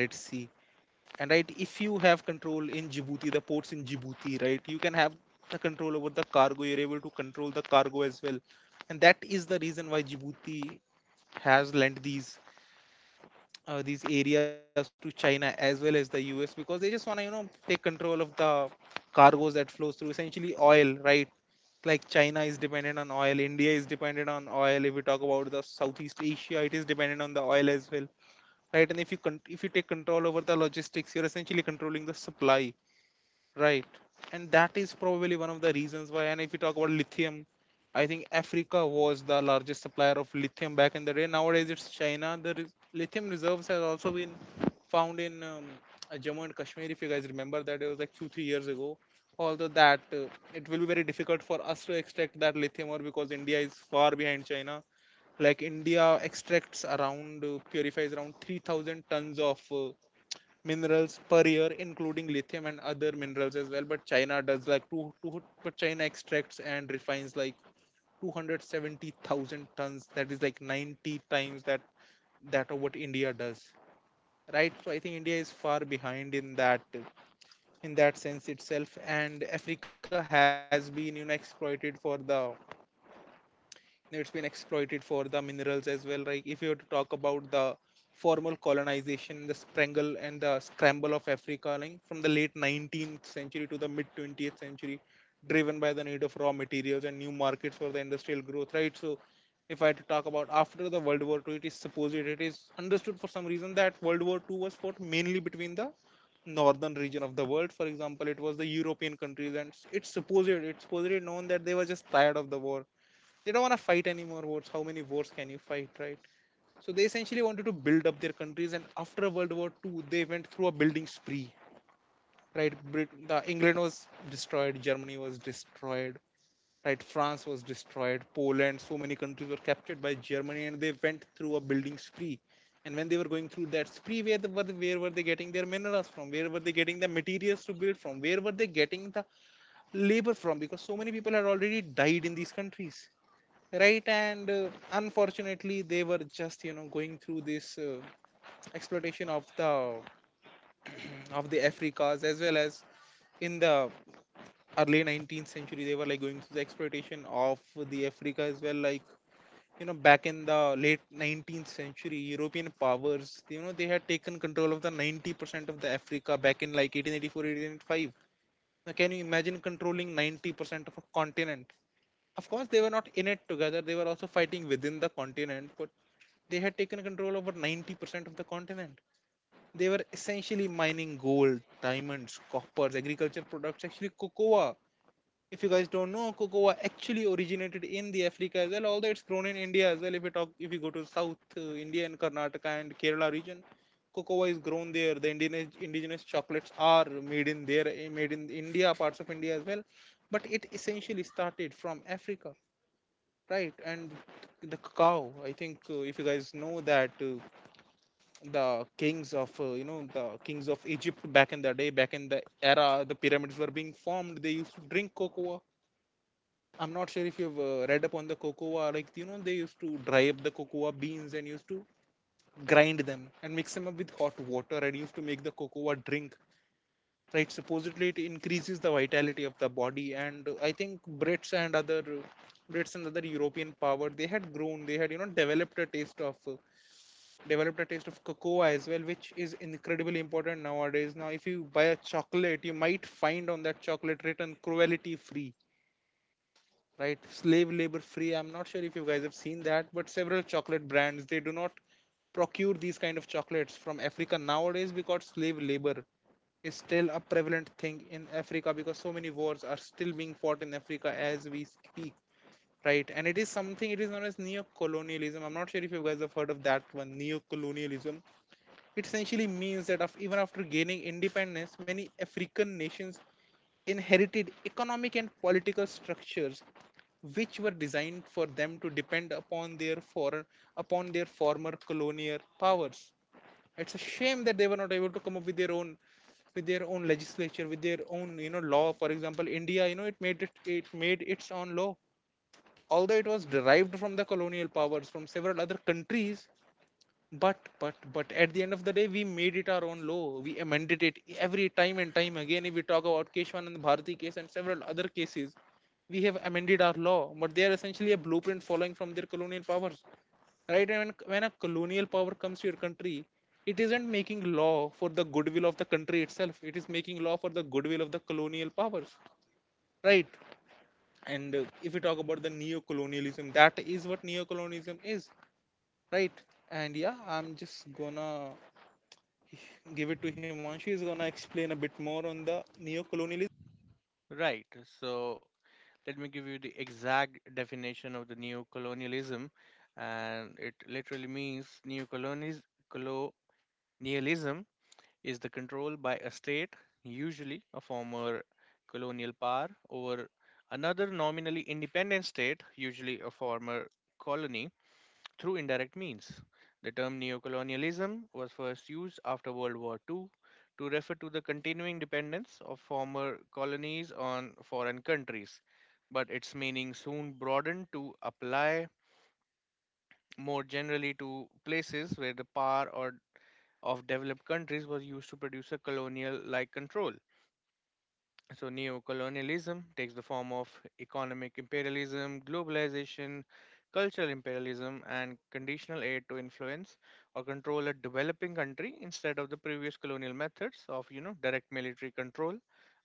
And, right, if you have control in Djibouti, the ports in Djibouti, right, you can have the control over the cargo. You're able to control the cargo as well. And that is the reason why Djibouti has lent these areas to China as well as the US, because they just want to take control of the cargoes that flows through, essentially oil, right? Like, China is dependent on oil, India is dependent on oil. If we talk about the Southeast Asia, it is dependent on the oil as well, right? And if you take control over the logistics, you're essentially controlling the supply, right? And that is probably one of the reasons why. And if you talk about lithium, I think Africa was the largest supplier of lithium back in the day. Nowadays it's China. The lithium reserves has also been found in Jammu and Kashmir, if you guys remember, that, it was like 2 3 years ago. Although that, it will be very difficult for us to extract that lithium ore because India is far behind China. Like, India extracts around purifies around 3,000 tons of minerals per year, including lithium and other minerals as well. But china does like two, two but China extracts and refines like 270,000 tons. That is like 90 times that of what India does, right? So I think India is far behind in that sense itself. And Africa has been, exploited for the it's been exploited for the minerals as well. Like, if you were to talk about the formal colonization, the strangle and the scramble of Africa, like, from the late 19th century to the mid 20th century, driven by the need of raw materials and new markets for the industrial growth, right? So if I had to talk about, after the World War II, it is understood for some reason that World War II was fought mainly between the northern region of the world. For example, it was the European countries, and it's supposedly known that they were just tired of the war. They don't want to fight any more wars. How many wars can you fight, right? So they essentially wanted to build up their countries, and after World War II, they went through a building spree, right? Britain, the England was destroyed, Germany was destroyed, right? France was destroyed, Poland, so many countries were captured by Germany, and they went through a building spree. And when they were going through that spree, where were they getting their minerals from? Where were they getting the materials to build from? Where were they getting the labor from? Because so many people had already died in these countries, right? And unfortunately they were just, going through this, exploitation of the of the Africas as well, as in the early 19th century they were like going through the exploitation of the Africa as well. Like, back in the late 19th century, European powers, they had taken control of the 90% of the Africa back in like 1884, 1885. Now, can you imagine controlling 90% of a continent? Of course they were not in it together, they were also fighting within the continent, but they had taken control over 90% of the continent. They were essentially mining gold, diamonds, coppers, agriculture products, actually cocoa. If you guys don't know, cocoa actually originated in the Africa as well, although it's grown in India as well. If you go to South India and Karnataka and Kerala region, cocoa is grown there. The indigenous chocolates are made in there, made in India, parts of India as well. But it essentially started from Africa, right? And the cacao. I think if you guys know that the kings of Egypt back in the day, back in the era the pyramids were being formed. They used to drink cocoa. I'm not sure if you've read up on the cocoa. Like, they used to dry up the cocoa beans and used to grind them and mix them up with hot water and used to make the cocoa drink, right? Supposedly it increases the vitality of the body. And I think Brits and other European power, they had, developed a taste of cocoa as well, which is incredibly important nowadays. Now, if you buy a chocolate, you might find on that chocolate written cruelty free, right? Slave labor free. I'm not sure if you guys have seen that, but several chocolate brands, they do not procure these kind of chocolates from Africa nowadays, because slave labor is still a prevalent thing in Africa, because so many wars are still being fought in Africa as we speak, right? And it is something, it is known as neo-colonialism. I'm not sure if you guys have heard of that one, neo-colonialism. It essentially means that even after gaining independence, many African nations inherited economic and political structures which were designed for them to depend upon their former colonial powers. It's a shame that they were not able to come up with their own legislature, with their own law. For example, India, it made its own law, although it was derived from the colonial powers, from several other countries. But at the end of the day, we made it our own law. We amended it every time and time again. If we talk about Keshwanand Bharati case and several other cases, we have amended our law, but they are essentially a blueprint following from their colonial powers, right? And when a colonial power comes to your country, it isn't making law for the goodwill of the country itself. It is making law for the goodwill of the colonial powers, right? And if we talk about the neo-colonialism, that is what neo-colonialism is, right? And yeah, I'm just gonna give it to Himanshu. He's gonna explain a bit more on the neo-colonialism.
Right. So, let me give you the exact definition of the neocolonialism. And it literally means neocolonialism is the control by a state, usually a former colonial power, over another nominally independent state, usually a former colony, through indirect means. The term neocolonialism was first used after World War II to refer to the continuing dependence of former colonies on foreign countries, but its meaning soon broadened to apply more generally to places where the power or of developed countries was used to produce a colonial like control. So, neocolonialism takes the form of economic imperialism, globalization, cultural imperialism, and conditional aid to influence or control a developing country instead of the previous colonial methods of, you know, direct military control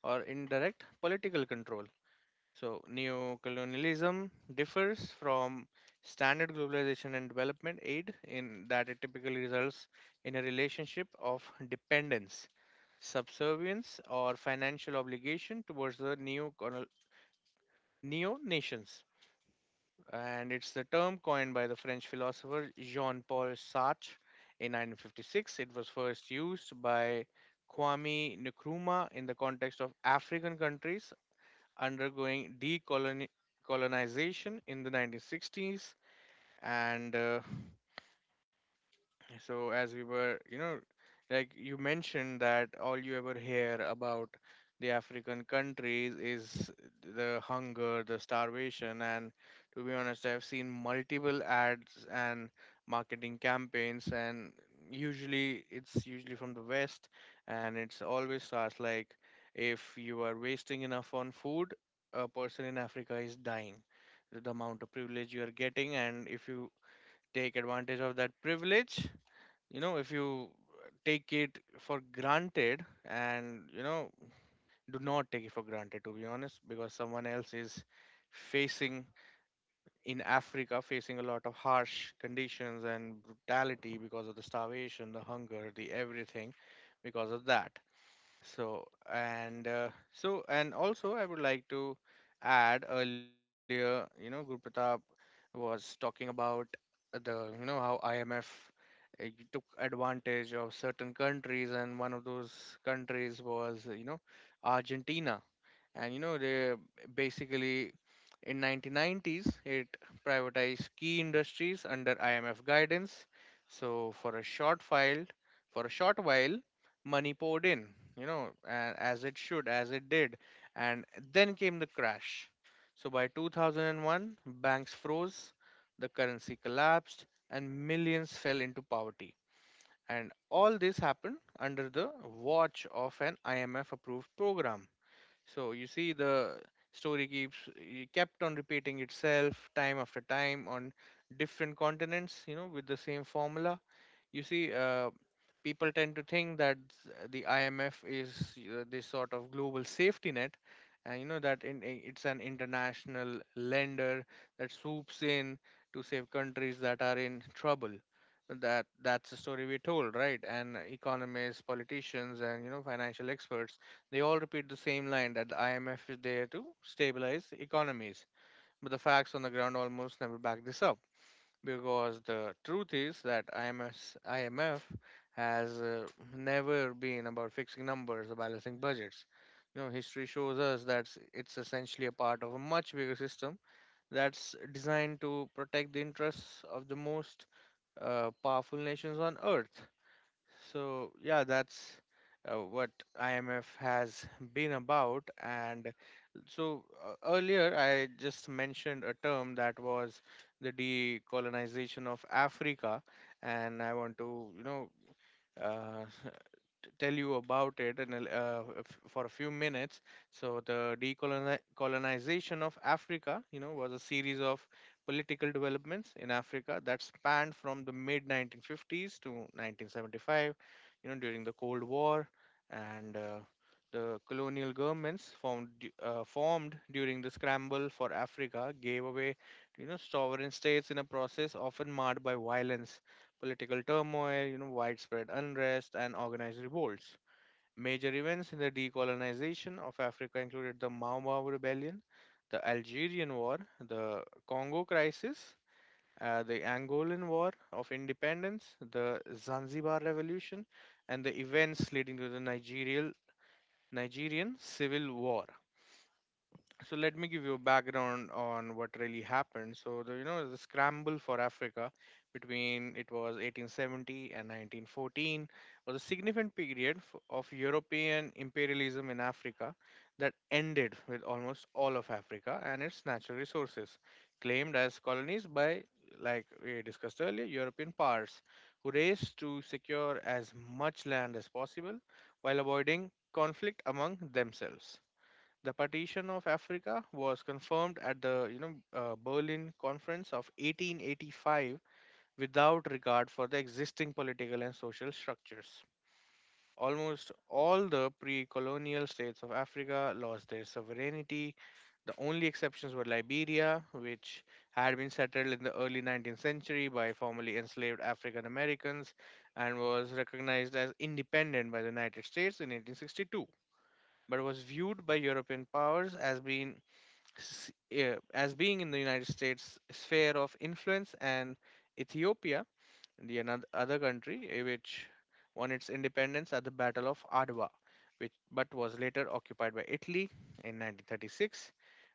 or indirect political control. So, neocolonialism differs from standard globalization and development aid in that it typically results in a relationship of dependence, subservience, or financial obligation towards the neocolonial neo nations. And it's the term coined by the French philosopher Jean Paul Sartre in 1956. It was first used by Kwame Nkrumah in the context of African countries undergoing decolonization in the 1960s. And So as we were, you know, like you mentioned, that all you ever hear about the African countries is the hunger, the starvation, and to be honest, I've seen multiple ads and marketing campaigns, and usually it's usually from the West, and it's always starts like, if you are wasting enough on food, a person in Africa is dying. The amount of privilege you are getting, and if you take advantage of that privilege, you know, if you take it for granted, and you know, do not take it for granted, to be honest, because someone else is facing, in Africa, facing a lot of harsh conditions and brutality because of the starvation, the hunger, the everything, because of that. So and also, I would like to add, earlier, you know, Guru Pratap was talking about the, you know, how IMF uh, took advantage of certain countries, and one of those countries was, you know, Argentina. And you know, they basically in 1990s it privatized key industries under IMF guidance. So for a short while, for a short while money poured in, you know, as it should, as it did. And then came the crash. So by 2001, banks froze, the currency collapsed, and millions fell into poverty, and all this happened under the watch of an IMF approved program. So you see, the story keeps, it kept on repeating itself time after time on different continents, you know, with the same formula. You see, people tend to think that the IMF is, this sort of global safety net, and you know that it's an international lender that swoops in to save countries that are in trouble. That's the story we're told, right? And economists, politicians, and you know financial experts, they all repeat the same line that the IMF is there to stabilize economies, but the facts on the ground almost never back this up, because the truth is that IMF has never been about fixing numbers or balancing budgets. You know, history shows us that it's essentially a part of a much bigger system that's designed to protect the interests of the most powerful nations on earth. So, yeah, that's what IMF has been about. And earlier, I just mentioned a term that was the decolonization of Africa, and I want to, you know, uh, tell you about it in a, for a few minutes. So the decolonization of Africa, you know, was a series of political developments in Africa that spanned from the mid 1950s to 1975, you know, during the Cold War. And The colonial governments formed during the scramble for Africa gave away, you know, sovereign states in a process often marred by violence, political turmoil, you know, widespread unrest, and organized revolts. Major events in the decolonization of Africa included the Mau Mau Rebellion, the Algerian War, the Congo Crisis, the Angolan War of Independence, the Zanzibar Revolution, and the events leading to the Nigerian Civil War. So let me give you a background on what really happened. So the, you know, the scramble for Africa, between, it was 1870 and 1914, was a significant period of European imperialism in Africa that ended with almost all of Africa and its natural resources claimed as colonies by, like we discussed earlier, European powers who raced to secure as much land as possible while avoiding conflict among themselves. The partition of Africa was confirmed at the, you know, Berlin Conference of 1885, without regard for the existing political and social structures. Almost all the pre-colonial states of Africa lost their sovereignty. The only exceptions were Liberia, which had been settled in the early 19th century by formerly enslaved African Americans and was recognized as independent by the United States in 1862, but was viewed by European powers as being as being in the United States sphere of influence, and Ethiopia, the another other country, which won its independence at the Battle of Adwa, which but was later occupied by Italy in 1936.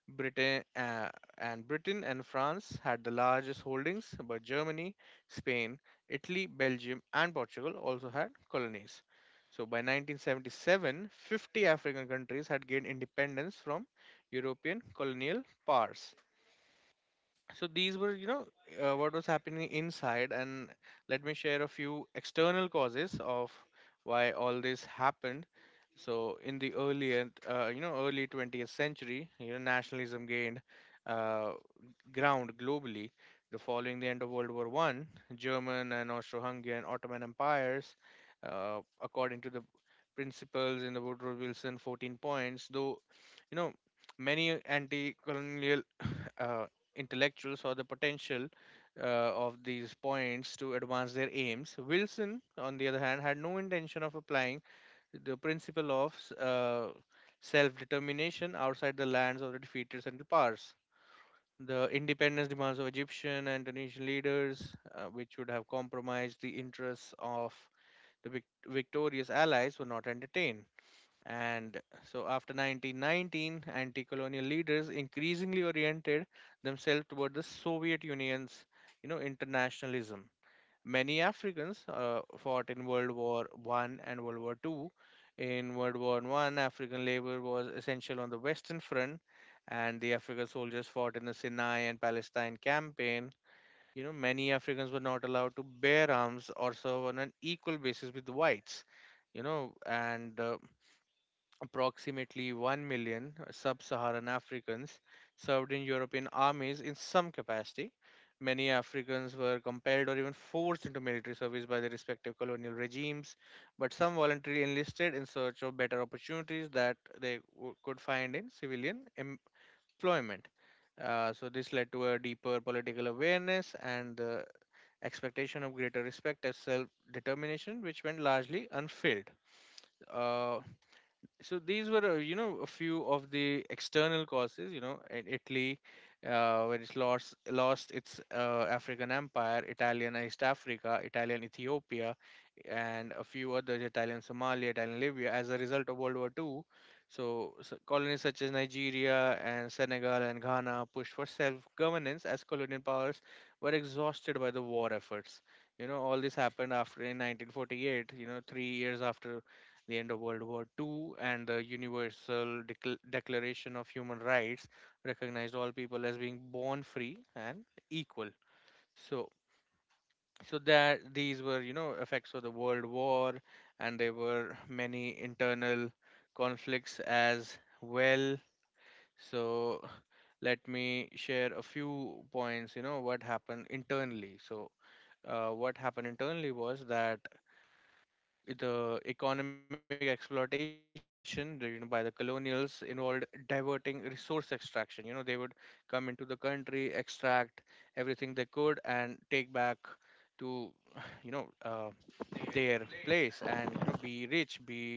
Britain uh, Britain and France had the largest holdings, but Germany, Spain, Italy, Belgium, and Portugal also had colonies. So by 1977, 50 African countries had gained independence from European colonial powers. So these were, you know, what was happening inside. And let me share a few external causes of why all this happened. So in the earlier, you know, early 20th century, you know, nationalism gained, uh, ground globally, the following the end of World War I, German and Austro-Hungarian Ottoman empires, according to the principles in the Woodrow Wilson 14 points, though, you know, many anti-colonial uh, intellectuals or the potential of these points to advance their aims. Wilson, on the other hand, had no intention of applying the principle of self determination outside the lands of the defeated Central Powers. The independence demands of Egyptian and Tunisian leaders, which would have compromised the interests of the victorious allies, were not entertained. And so after 1919, anti-colonial leaders increasingly oriented themselves toward the Soviet Union's, internationalism. Many Africans fought in World War One and World War Two. In World War One, African labor was essential on the Western Front, and the African soldiers fought in the Sinai and Palestine campaign. You know, many Africans were not allowed to bear arms or serve on an equal basis with whites you know and approximately 1 million sub Saharan Africans served in European armies in some capacity. Many Africans were compelled or even forced into military service by their respective colonial regimes, but some voluntarily enlisted in search of better opportunities that could find in civilian employment. This led to a deeper political awareness and the expectation of greater respect as self determination, which went largely unfilled. Uh, so these were, a few of the external causes, in Italy when it lost its African empire, Italian East Africa, Italian Ethiopia, and a few others, Italian Somalia, Italian Libya, as a result of World War II. So colonies such as Nigeria and Senegal and Ghana pushed for self governance as colonial powers were exhausted by the war efforts. All this happened after, in 1948, 3 years after the end of World War Two, and the Universal Declaration of Human Rights recognized all people as being born free and equal. So, so that these were, effects of the World War, and there were many internal conflicts as well. So, let me share a few points. You know, what happened internally. What happened internally was that the economic exploitation, the, you know by the colonials, involved diverting resource extraction. They would come into the country, extract everything they could, and take back to you know uh, their place and, be rich, be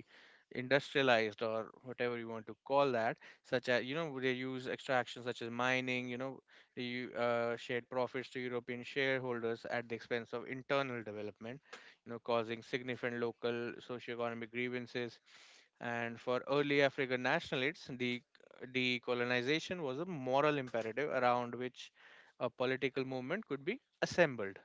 industrialized, or whatever you want to call that, such as, they use extraction such as mining. They shared profits to European shareholders at the expense of internal development, causing significant local socioeconomic grievances. And for early African nationalists, the decolonization was a moral imperative around which a political movement could be assembled.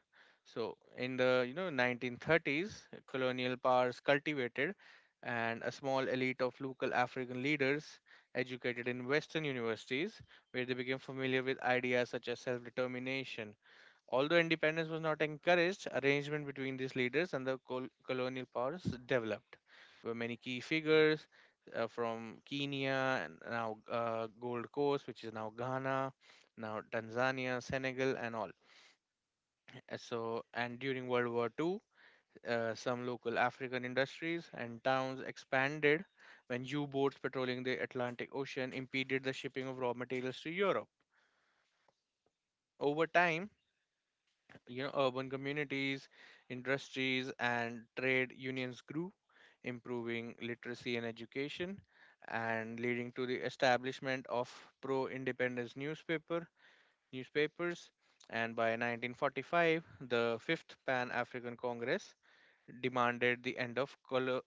So in the 1930s, colonial powers cultivated and a small elite of local African leaders educated in Western universities, where they became familiar with ideas such as self-determination. Although independence was not encouraged, arrangement between these leaders and the colonial powers developed, where many key figures from Kenya and now Gold Coast, which is now Ghana, now Tanzania, Senegal, and all. And during World War II, some local African industries and towns expanded when U boats patrolling the Atlantic Ocean impeded the shipping of raw materials to Europe. Over time, urban communities, industries, and trade unions grew, improving literacy and education, and leading to the establishment of pro independence newspapers. And by 1945, the 5th pan african congress demanded the end of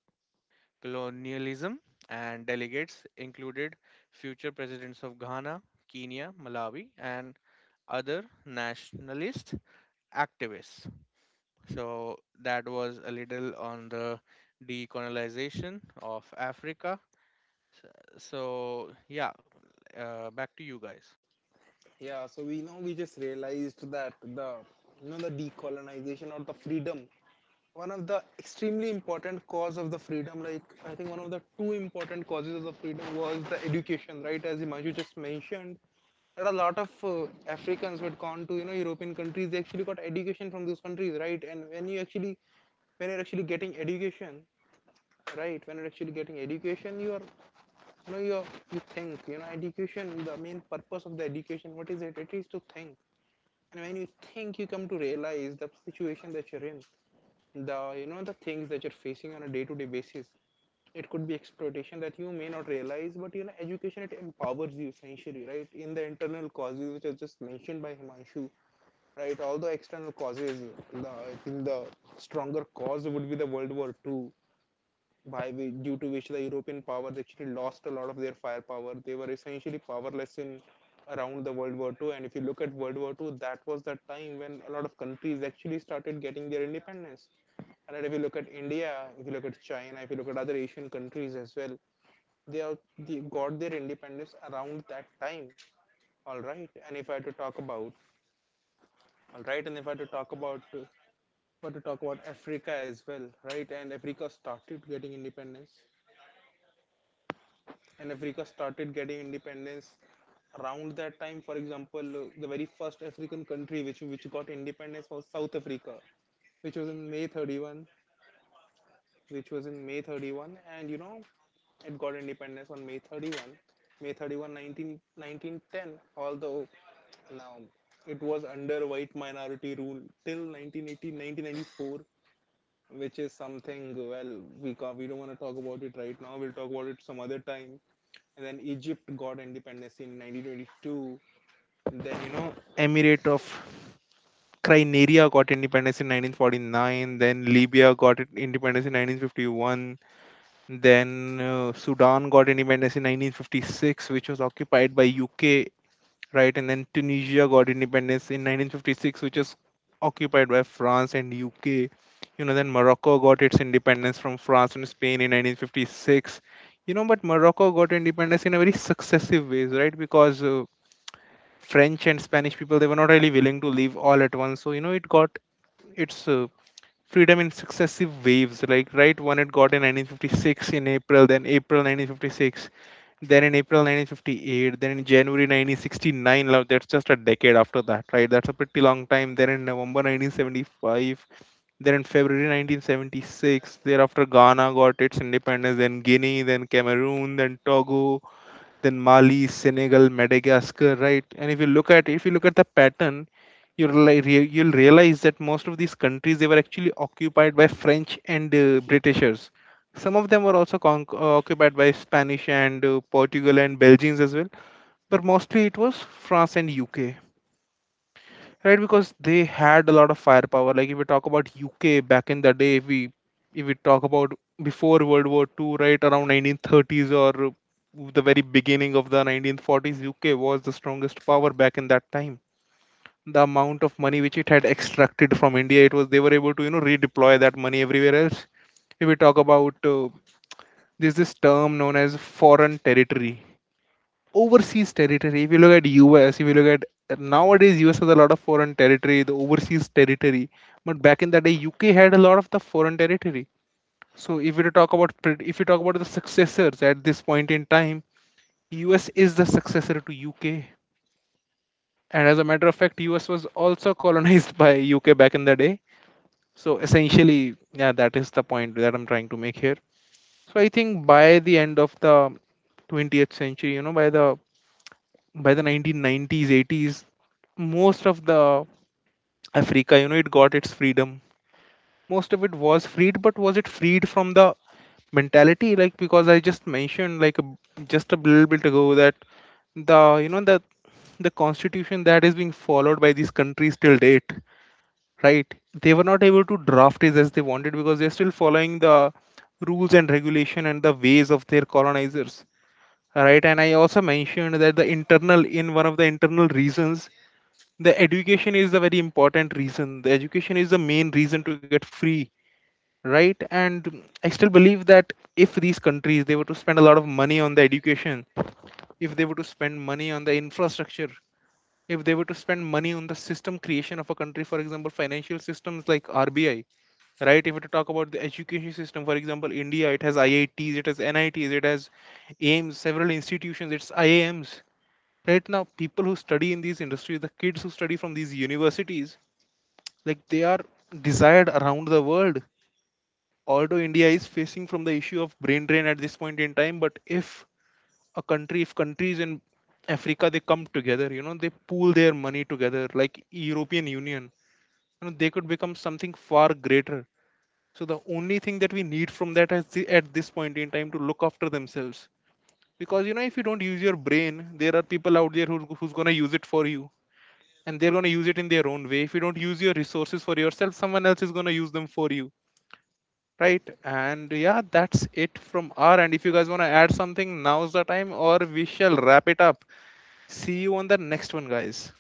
colonialism, and delegates included future presidents of Ghana, Kenya, Malawi, and other nationalist activists. So that was a little on the decolonization of Africa. S- So yeah, Back to you guys.
Yeah, so we just realized that the you know the decolonization or the freedom, one of the extremely important cause of the freedom, like, I think one of the two important causes of the freedom was the education, right? As Himanshu just mentioned, that a lot of africans who had gone to european countries, they actually got education from those countries, right? And when you're actually getting education, right? when you're actually getting education You are you know you you think, education, the main purpose of the education, what is it? It is to think. And when you think, you come to realize the situation that you're in, the things that you're facing on a day-to-day basis. It could be exploitation that you may not realize, but education, it empowers you essentially, right? In the internal causes which are just mentioned by Himanshu, right? All the external causes, I think the stronger cause would be the World War II, due to which the European powers actually lost a lot of their firepower. They were essentially powerless in around the World War II. And if you look at World War II, that was the time when a lot of countries actually started getting their independence. And if you look at India, if you look at China, if you look at other Asian countries as well, they got their independence around that time. All right. And if I had to talk about all right, and if I had to talk about But to talk about Africa as well, right? And Africa started getting independence, and Africa started getting independence around that time. For example, the very first African country which got independence was South Africa, which was in May 31, which was in May 31, and it got independence on May 31, 1910, although now it was under white minority rule till 1980, 1994, which is something. Well, we can't. We don't want to talk about it right now. We'll talk about it some other time. And then Egypt got independence in 1922. Then, Emirate of Crimea got independence in 1949. Then Libya got independence in 1951. Then Sudan got independence in 1956, which was occupied by UK, right? And then Tunisia got independence in 1956, which is occupied by France and UK. Then Morocco got its independence from France and Spain in 1956. But Morocco got independence in a very successive ways, right? Because French and Spanish people, they were not really willing to leave all at once. So, it got its freedom in successive waves, like, right when it got in 1956, in April, then April 1956, then in April 1958, then in January 1969. Now that's just a decade after that, right? That's a pretty long time. Then in November 1975, then in February 1976. Thereafter Ghana got its independence, then Guinea, then Cameroon, then Togo, then Mali, Senegal, Madagascar, right? And if you look at the pattern, you'll, you'll realize that most of these countries, they were actually occupied by French and britishers. Some of them were also occupied by Spanish and Portugal and Belgians as well, but mostly it was France and UK, right? Because they had a lot of firepower. Like, if we talk about UK back in the day, if we talk about before World War II, right, around 1930s or the very beginning of the 1940s, UK was the strongest power back in that time. The amount of money which it had extracted from India, it was they were able to redeploy that money everywhere else. If we talk about there's this term known as foreign territory, overseas territory. If you look at US, if you look at nowadays US has a lot of foreign territory, the overseas territory. But back in the day, UK had a lot of the foreign territory. So if you talk about the successors at this point in time, US is the successor to UK. And as a matter of fact, US was also colonized by UK back in the day. So essentially, yeah, that is the point that I'm trying to make here. So I think by the end of the 20th century, by the 1990s, 80s, most of the Africa, it got its freedom. Most of it was freed, but was it freed from the mentality? Like, because I just mentioned, like, just a little bit ago that the you know that the constitution that is being followed by these countries till date, right, they were not able to draft it as they wanted because they're still following the rules and regulation and the ways of their colonizers, right? And I also mentioned that the internal in one of the internal reasons, the education is the very important reason. The education is the main reason to get free, right? And I still believe that if these countries they were to spend a lot of money on the education, if they were to spend money on the infrastructure, if they were to spend money on the system creation of a country, for example, financial systems like RBI, right? If we talk about the education system, for example, India, it has IITs, it has NITs, it has AIMS, several institutions, it's IIMs. Right now, people who study in these industries, the kids who study from these universities, like, they are desired around the world. Although India is facing from the issue of brain drain at this point in time, but if if countries in Africa, they come together, they pool their money together, like European Union, they could become something far greater. So the only thing that we need from that is, at this point in time, to look after themselves. Because if you don't use your brain, there are people out there who's gonna use it for you, and they're gonna use it in their own way. If you don't use your resources for yourself, someone else is gonna use them for you, right? And yeah, that's it from our end. If you guys wanna add something, now's the time, or we shall wrap it up. See you on the next one, guys.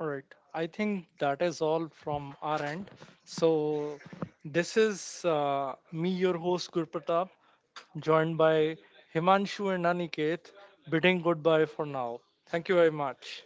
All right. I think that is all from our end. So, this is me, your host, Gurpratap, joined by Himanshu and Aniket, bidding goodbye for now. Thank you very much.